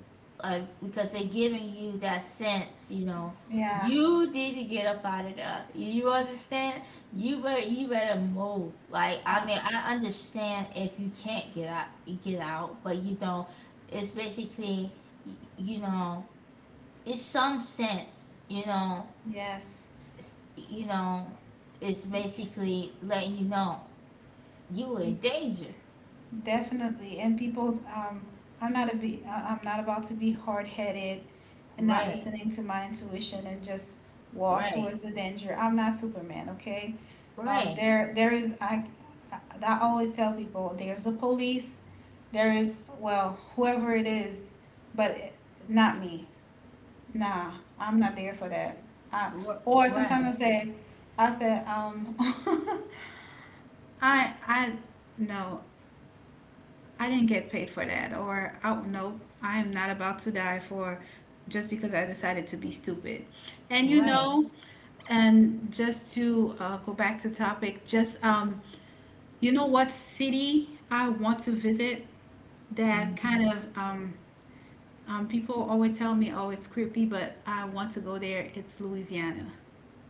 [SPEAKER 2] like, because they're giving you that sense, you know.
[SPEAKER 1] Yeah.
[SPEAKER 2] You need to get up out of there, you understand. You better you better move. Like, I
[SPEAKER 1] Uh,
[SPEAKER 2] mean, I understand if you can't get out, get out, but you know it's basically, you know, it's some sense, you know,
[SPEAKER 1] yes,
[SPEAKER 2] s- you know, it's basically letting you know you in danger.
[SPEAKER 1] definitely. And people, um, I'm not a be, I- I'm not about to be hard-headed and not
[SPEAKER 2] Right,
[SPEAKER 1] listening to my intuition and just walk
[SPEAKER 2] right,
[SPEAKER 1] towards the danger. I'm not Superman, okay? Um,
[SPEAKER 2] right,
[SPEAKER 1] there, there is. I, I, I always tell people, there's the police. There is, well, whoever it is, but not me. Nah, I'm not there for that. I,
[SPEAKER 2] r-
[SPEAKER 1] or sometimes I
[SPEAKER 2] right,
[SPEAKER 1] say, I said, um, I, I, no, I didn't get paid for that. Or, oh no, I am not about to die for, just because I decided to be stupid. And you
[SPEAKER 2] right.
[SPEAKER 1] know, and just to, uh, go back to topic, just, um, you know what city I want to visit? That
[SPEAKER 2] Mm,
[SPEAKER 1] kind of, um, um, people always tell me, oh, it's creepy, but I want to go there. It's Louisiana.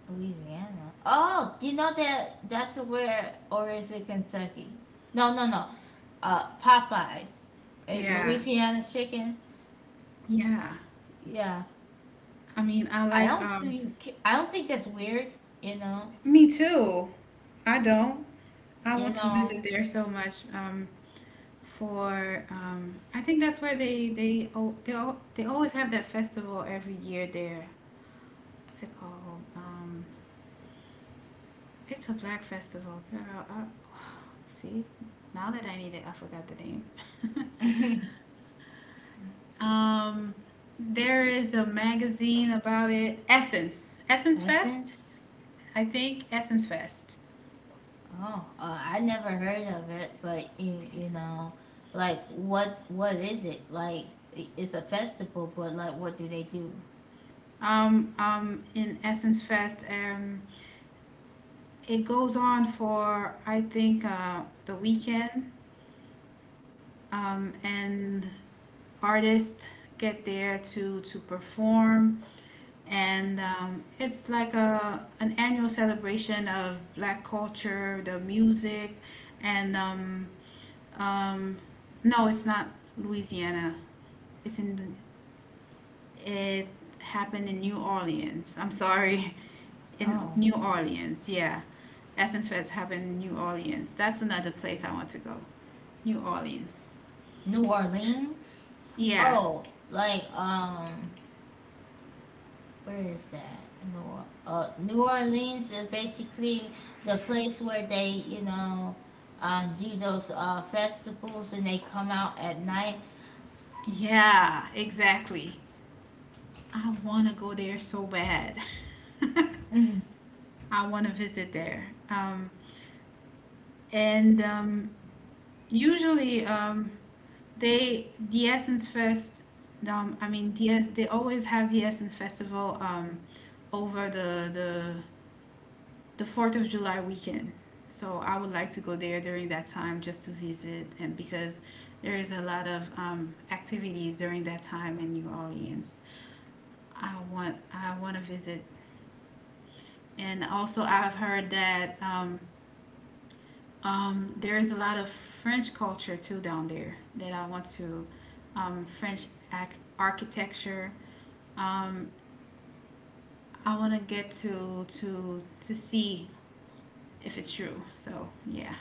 [SPEAKER 2] Louisiana. Oh, you know that that's where, or is it Kentucky? No, no, no. Uh, Popeyes, Eh,
[SPEAKER 1] Yeah,
[SPEAKER 2] Louisiana chicken.
[SPEAKER 1] yeah.
[SPEAKER 2] Yeah,
[SPEAKER 1] I mean, I
[SPEAKER 2] I
[SPEAKER 1] like,
[SPEAKER 2] don't
[SPEAKER 1] um,
[SPEAKER 2] think I don't think that's weird. You know,
[SPEAKER 1] me too. I don't. I
[SPEAKER 2] you
[SPEAKER 1] want to
[SPEAKER 2] know.
[SPEAKER 1] visit there so much. Um, for, um I think that's where they they, oh, they al- they always have that festival every year there. What's it called? Um, it's a black festival, girl. Uh, see, now that I need it, I forgot the name. um, there is a magazine about it. Essence, Essence Fest,
[SPEAKER 2] Lessons.
[SPEAKER 1] I think. Essence Fest.
[SPEAKER 2] Oh, uh, I never heard of it, but you, you know, like what what is it? Like i- it's a festival, but like what do they do?
[SPEAKER 1] Um, um, in Essence Fest, um, it goes on for I think uh, the weekend, um, and artists get there to to perform, and um, it's like a an annual celebration of black culture, the music. And um, um, no, it's not Louisiana. It's in it happened in New Orleans, I'm sorry. In
[SPEAKER 2] Oh,
[SPEAKER 1] New Orleans, yeah. Essence Fest happened in New Orleans. That's another place I want to go, New Orleans.
[SPEAKER 2] New Orleans?
[SPEAKER 1] Yeah,
[SPEAKER 2] Oh, like um where is that? New or- uh New Orleans is basically the place where they, you know, um do those uh festivals, and they come out at night.
[SPEAKER 1] yeah, exactly. I want to go there so bad.
[SPEAKER 2] Mhm.
[SPEAKER 1] I want to visit there. Um, and um, Usually um, they the Essence Fest. Um, I mean, the, they always have the Essence Festival um, over the the the Fourth of July weekend. So I would like to go there during that time just to visit, and because there is a lot of um, activities during that time in New Orleans. I want I want to visit. And also, I've heard that um, um, there is a lot of French culture too down there that I want to, um, French ac- architecture. Um, I want to get to to to see if it's true. So yeah.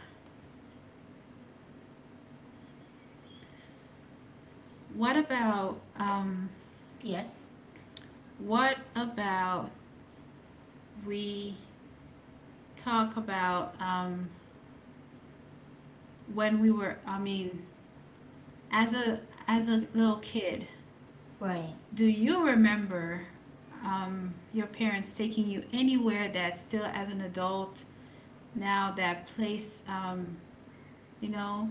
[SPEAKER 1] What about um,
[SPEAKER 2] Yes.
[SPEAKER 1] what about we talk about um, when we were? I mean, as a as a little kid,
[SPEAKER 2] Right.
[SPEAKER 1] do you remember um, your parents taking you anywhere that still as an adult now, that place, um, you know,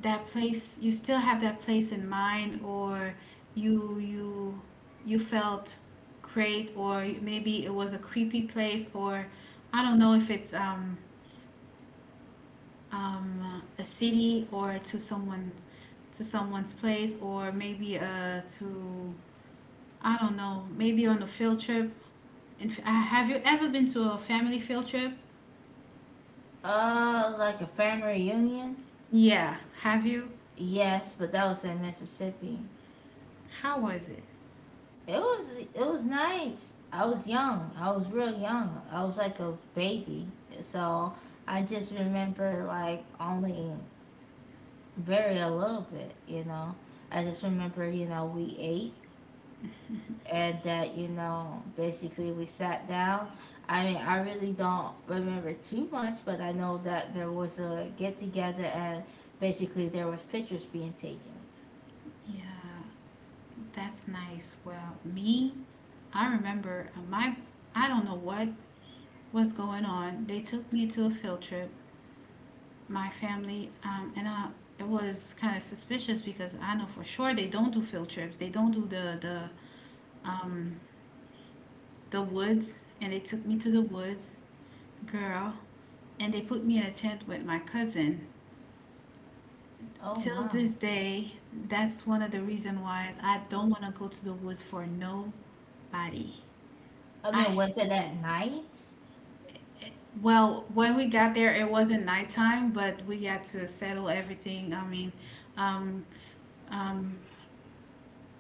[SPEAKER 1] that place you still have that place in mind, or you you you felt great, or maybe it was a creepy place? Or I don't know if it's um, um, a city or to someone, to someone's place, or maybe uh, to I don't know, maybe on a field trip. In f- uh, have you ever been to a family field trip?
[SPEAKER 2] Uh like a family reunion?
[SPEAKER 1] Yeah. Have you?
[SPEAKER 2] Yes, but that was in Mississippi.
[SPEAKER 1] How was it?
[SPEAKER 2] It was it was nice. I was young. I was real young. I was like a baby. So I just remember, like, only very a little bit, you know. I just remember, you know, we ate and that, you know, basically we sat down. I mean, I really don't remember too much, but I know that there was a get together, and basically there was pictures being taken.
[SPEAKER 1] Yeah, that's nice. Well, me, I remember uh, my, I don't know what was going on. They took me to a field trip, my family, um, and I, it was kind of suspicious because I know for sure they don't do field trips. They don't do the the um the woods, and they took me to the woods, girl, and they put me in a tent with my cousin.
[SPEAKER 2] Oh,
[SPEAKER 1] Till
[SPEAKER 2] wow.
[SPEAKER 1] this day, that's one of the reason why I don't want to go to the woods for nobody.
[SPEAKER 2] I mean,
[SPEAKER 1] I
[SPEAKER 2] was it at night?
[SPEAKER 1] well, when we got there, it wasn't nighttime, but we got to settle everything. I mean, um, um,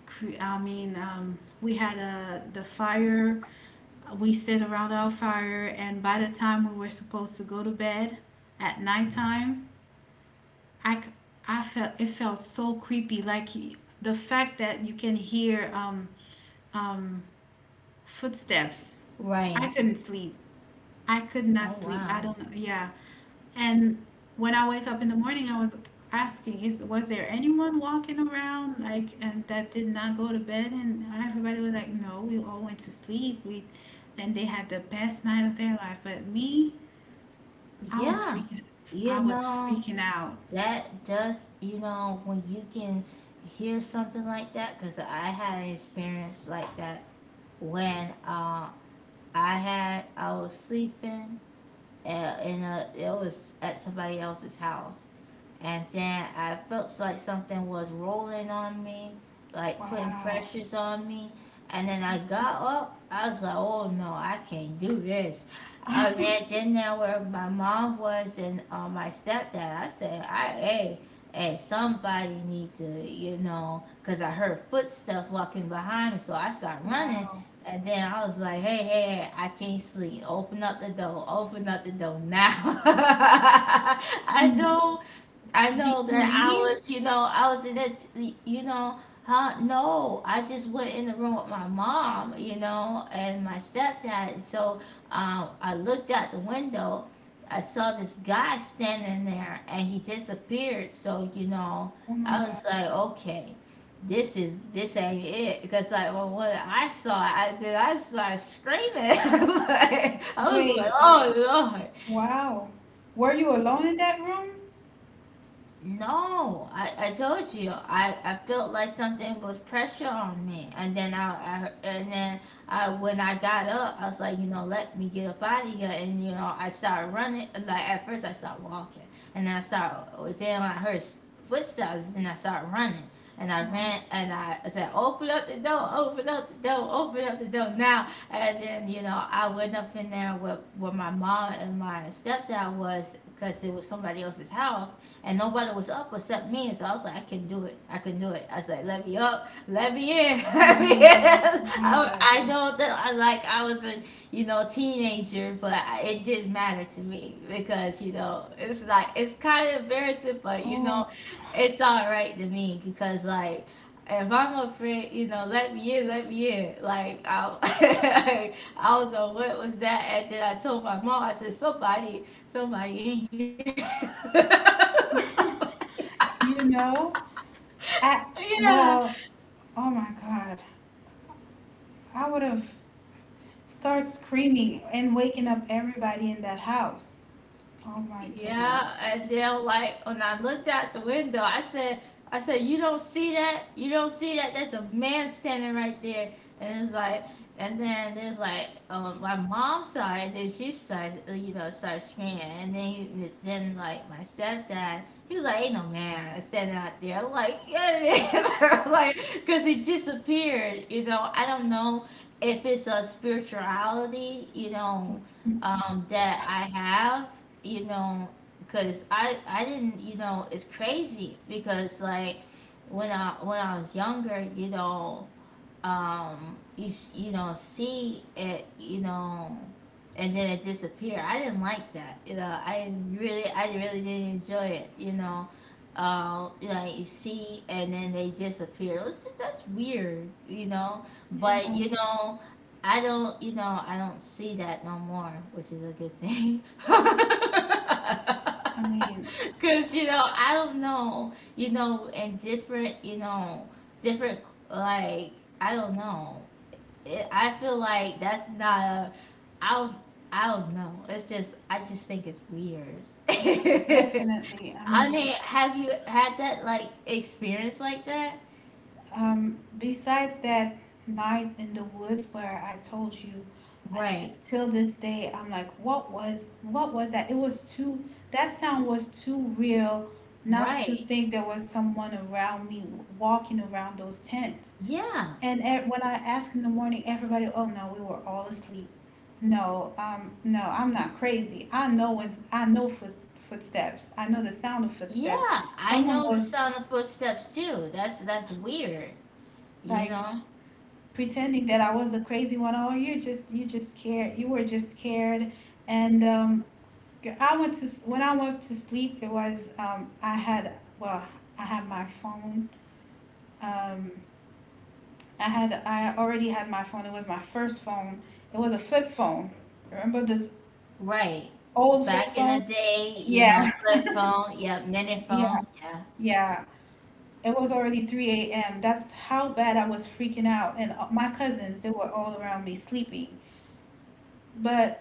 [SPEAKER 1] cre- I mean, um, we had a the fire. We sit around our fire, and by the time we were supposed to go to bed at nighttime, I, c- I felt, it felt so creepy. Like, y- the fact that you can hear um, Um, footsteps. I
[SPEAKER 2] Right.
[SPEAKER 1] couldn't sleep. I could not
[SPEAKER 2] Oh,
[SPEAKER 1] sleep. I
[SPEAKER 2] wow.
[SPEAKER 1] don't know. Yeah. And when I wake up in the morning, I was asking, is was there anyone walking around, like, and that did not go to bed? And everybody was like, no, we all went to sleep. We, and they had the best night of their life. But me, I was
[SPEAKER 2] Yeah.
[SPEAKER 1] freaking,
[SPEAKER 2] You
[SPEAKER 1] I was
[SPEAKER 2] know,
[SPEAKER 1] freaking out.
[SPEAKER 2] that does, you know, when you can hear something like that, because I had an experience like that when uh, I had, I was sleeping uh, in a, it was at somebody else's house. And then I felt like something was rolling on me, like putting
[SPEAKER 1] Wow.
[SPEAKER 2] pressures on me. And then I got up. I was like, oh no, I can't do this. I ran in there where my mom was and uh, my stepdad. I said, I, hey, hey, somebody need to, you know, because I heard footsteps walking behind me. So I started running.
[SPEAKER 1] Wow.
[SPEAKER 2] And then I was like, hey, hey, hey, I can't sleep. Open up the door. Open up the door now. I
[SPEAKER 1] And
[SPEAKER 2] don't I
[SPEAKER 1] did
[SPEAKER 2] know
[SPEAKER 1] you
[SPEAKER 2] that I
[SPEAKER 1] leave?
[SPEAKER 2] was, you know, I was in it, you know, huh? No, I just went in the room with my mom, you know, and my stepdad. And so um, I looked out the window. I saw this guy standing there and he disappeared. So, you know,
[SPEAKER 1] Oh my
[SPEAKER 2] I
[SPEAKER 1] God.
[SPEAKER 2] was like, okay, this is, this ain't it. Because, like, well, when I saw it, I did, I started screaming. I was like, I was like,
[SPEAKER 1] Wait.
[SPEAKER 2] oh, Lord.
[SPEAKER 1] Wow. Were you alone in that room?
[SPEAKER 2] No, I, I told you, I, I felt like something was pressure on me, and then I, I and then I when I got up, I was like, you know, let me get up out of here, and you know, I started running. Like, at first, I started walking, and then I started. Then when I heard s- footsteps, then I started running, and I ran,
[SPEAKER 1] Wow.
[SPEAKER 2] and I said, open up the door, open up the door, open up the door now. And then, you know, I went up in there where where my mom and my stepdad was, because it was somebody else's house and nobody was up except me. And so I was like, I can do it. I can do it. I said, let me up, let me in,
[SPEAKER 1] Oh
[SPEAKER 2] let me
[SPEAKER 1] my
[SPEAKER 2] in. I,
[SPEAKER 1] God.
[SPEAKER 2] I know that, I like I was a you know teenager, but I, it didn't matter to me, because you know it's like it's kind of embarrassing, but you
[SPEAKER 1] Oh,
[SPEAKER 2] know it's all right to me, because like. If I'm afraid, you know, let me in, let me in. Like I, I don't know what was that. And then I told my mom, I said somebody somebody in here.
[SPEAKER 1] you know, I,
[SPEAKER 2] Yeah,
[SPEAKER 1] well, oh my God. I would have started screaming and waking up everybody in that house. Oh my goodness.
[SPEAKER 2] yeah, and they're like, when I looked out the window, I said, I said, you don't see that? You don't see that? There's a man standing right there. And it's like, and then there's like, um, my mom's side, then she started, uh, you know, started screaming. And then, he- then like my stepdad, he was like, ain't no man standing out there. I'm like, yeah, it is. I'm like, cause he disappeared. You know, I don't know if it's a spirituality, you know, um, that I have, you know because i i didn't, you know it's crazy, because like when i when I was younger, you know um you s- you know see it, you know and then it disappear, I didn't like that, you know i didn't really I really didn't enjoy it, you know uh you know you see, and then they disappear, it was just, that's weird, you know but
[SPEAKER 1] Yeah,
[SPEAKER 2] you know i don't you know i don't see that no more, which is a good thing.
[SPEAKER 1] I mean,
[SPEAKER 2] Because you know I don't know, you know and different you know different, like, I don't know. It, I feel like that's not a, I don't I don't know. It's just, I just think it's weird.
[SPEAKER 1] definitely. I
[SPEAKER 2] I mean,
[SPEAKER 1] mean,
[SPEAKER 2] have you had that, like, experience like that?
[SPEAKER 1] um, besides that night in the woods where I told you, I st
[SPEAKER 2] Right.
[SPEAKER 1] till this day I'm like, what was what was that? It was too, that sound was too real not to
[SPEAKER 2] Right.
[SPEAKER 1] think there was someone around me walking around those tents.
[SPEAKER 2] Yeah.
[SPEAKER 1] And e- when I asked in the morning, everybody, oh no, we were all asleep. No, um, no, I'm not crazy. I know when I know foot footsteps. I know the sound of footsteps.
[SPEAKER 2] Yeah. I
[SPEAKER 1] Someone
[SPEAKER 2] know the
[SPEAKER 1] was,
[SPEAKER 2] sound of footsteps too. That's that's weird, you
[SPEAKER 1] like,
[SPEAKER 2] know?
[SPEAKER 1] pretending that I was the crazy one. Oh, you just you just scared. You were just scared. And um, I went to when I went to sleep, it was um, I had well, I had my phone. Um, I had I already had my phone. It was my first phone. It was a flip phone. Remember this
[SPEAKER 2] Right.
[SPEAKER 1] old flip
[SPEAKER 2] Back in
[SPEAKER 1] phone?
[SPEAKER 2] the day, you
[SPEAKER 1] Yeah,
[SPEAKER 2] know, flip phone, yeah, minute
[SPEAKER 1] yeah,
[SPEAKER 2] phone, yeah.
[SPEAKER 1] yeah. It was already three a m. That's how bad I was freaking out. And uh, my cousins, they were all around me sleeping. But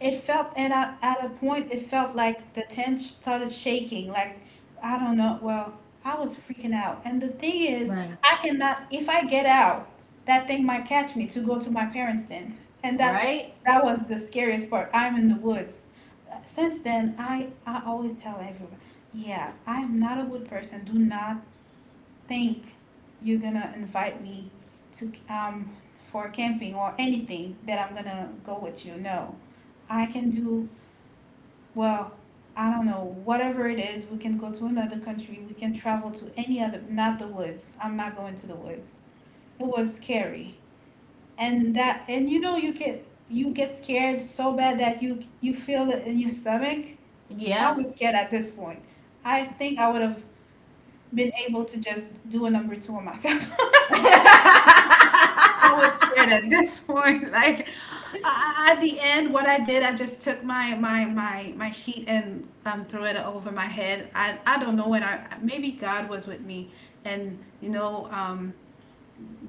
[SPEAKER 1] it felt, and at, a, at a point, it felt like the tent started shaking, like, I don't know. Well, I was freaking out, and the thing is,
[SPEAKER 2] Right.
[SPEAKER 1] I cannot, if I get out, that thing might catch me to go to my parents tent, and that's,
[SPEAKER 2] Right?
[SPEAKER 1] that was the scariest part, I'm in the woods. Since then, i i always tell everyone, yeah, I am not a wood person. Do not think you're gonna invite me to um, for camping or anything that I'm gonna go with you. No, I can do well. I don't know, whatever it is, we can go to another country. We can travel to any other, not the woods. I'm not going to the woods. It was scary, and that, and you know, you get you get scared so bad that you you feel it in your stomach. I
[SPEAKER 2] Yeah.
[SPEAKER 1] was scared at this point. I think I would have been able to just do a number two on myself. I was scared at this point. Like, I, I- at the end, what I did, I just took my my my my sheet and um, threw it over my head. I I don't know, when I, maybe God was with me, and you know um,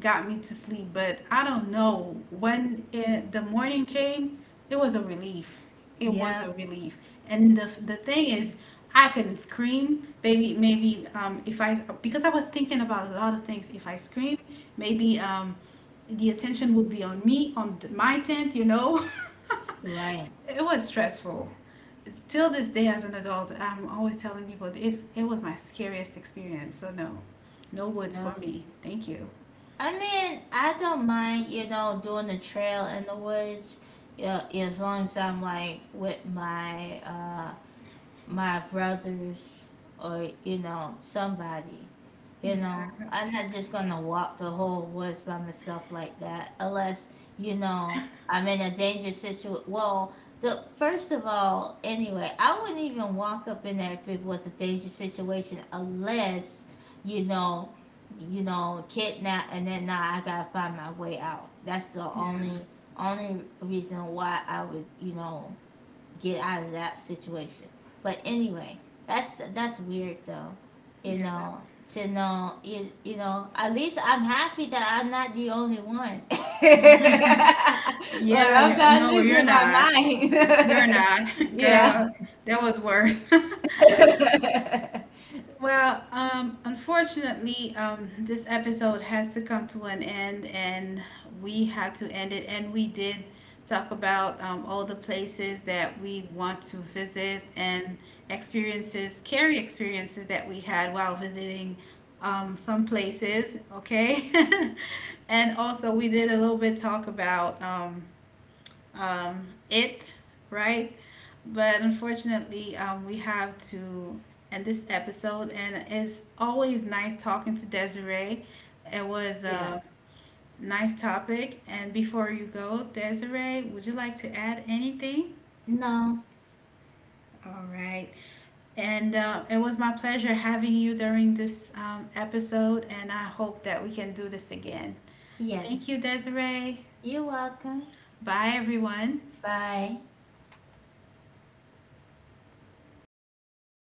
[SPEAKER 1] got me to sleep, but I don't know. When it, the morning came, it was a relief. It was
[SPEAKER 2] Yeah,
[SPEAKER 1] a relief. And the the thing is, I couldn't scream. Maybe, maybe um, if I, because I was thinking about a lot of things. If I scream, maybe um, the attention would be on me, on th- my tent, you know.
[SPEAKER 2] right.
[SPEAKER 1] It was stressful. Till this day, as an adult, I'm always telling people it's, it was my scariest experience. So no, no woods
[SPEAKER 2] Yeah.
[SPEAKER 1] for me. Thank you.
[SPEAKER 2] I mean, I don't mind, you know, doing the trail in the woods, yeah, as long as I'm like with my uh my brothers or, you know, somebody. You know,
[SPEAKER 1] Yeah.
[SPEAKER 2] I'm not just gonna walk the whole woods by myself like that, unless, you know, I'm in a dangerous situation. Well, the first of all, anyway, I wouldn't even walk up in there if it was a dangerous situation, unless, you know, you know, kidnap, and then now I gotta find my way out. That's the
[SPEAKER 1] Yeah,
[SPEAKER 2] only only reason why I would, you know, get out of that situation. But anyway, that's that's weird though, you
[SPEAKER 1] yeah, that,
[SPEAKER 2] know. To know you, you know, at least I'm happy that I'm not the only one. Like,
[SPEAKER 1] yeah,
[SPEAKER 2] I'm
[SPEAKER 1] yeah,
[SPEAKER 2] not
[SPEAKER 1] no, you're
[SPEAKER 2] losing my
[SPEAKER 1] not.
[SPEAKER 2] mind.
[SPEAKER 1] You're not,
[SPEAKER 2] Yeah.
[SPEAKER 1] girl. That was worse. Well, um, unfortunately, um, this episode has to come to an end, and we had to end it. And we did talk about um, all the places that we want to visit, and experiences, scary experiences that we had while visiting um, some places. Okay, and also we did a little bit talk about. Um, um, it, right? But unfortunately, um, we have to end this episode, and it's always nice talking to Desiree. It was
[SPEAKER 2] Yeah.
[SPEAKER 1] a nice topic. And before you go, Desiree, would you like to add anything?
[SPEAKER 2] No.
[SPEAKER 1] All right. And uh, it was my pleasure having you during this um, episode, and I hope that we can do this again. Thank you,
[SPEAKER 2] Yes.
[SPEAKER 1] Desiree.
[SPEAKER 2] You're welcome.
[SPEAKER 1] Bye, everyone.
[SPEAKER 2] Bye.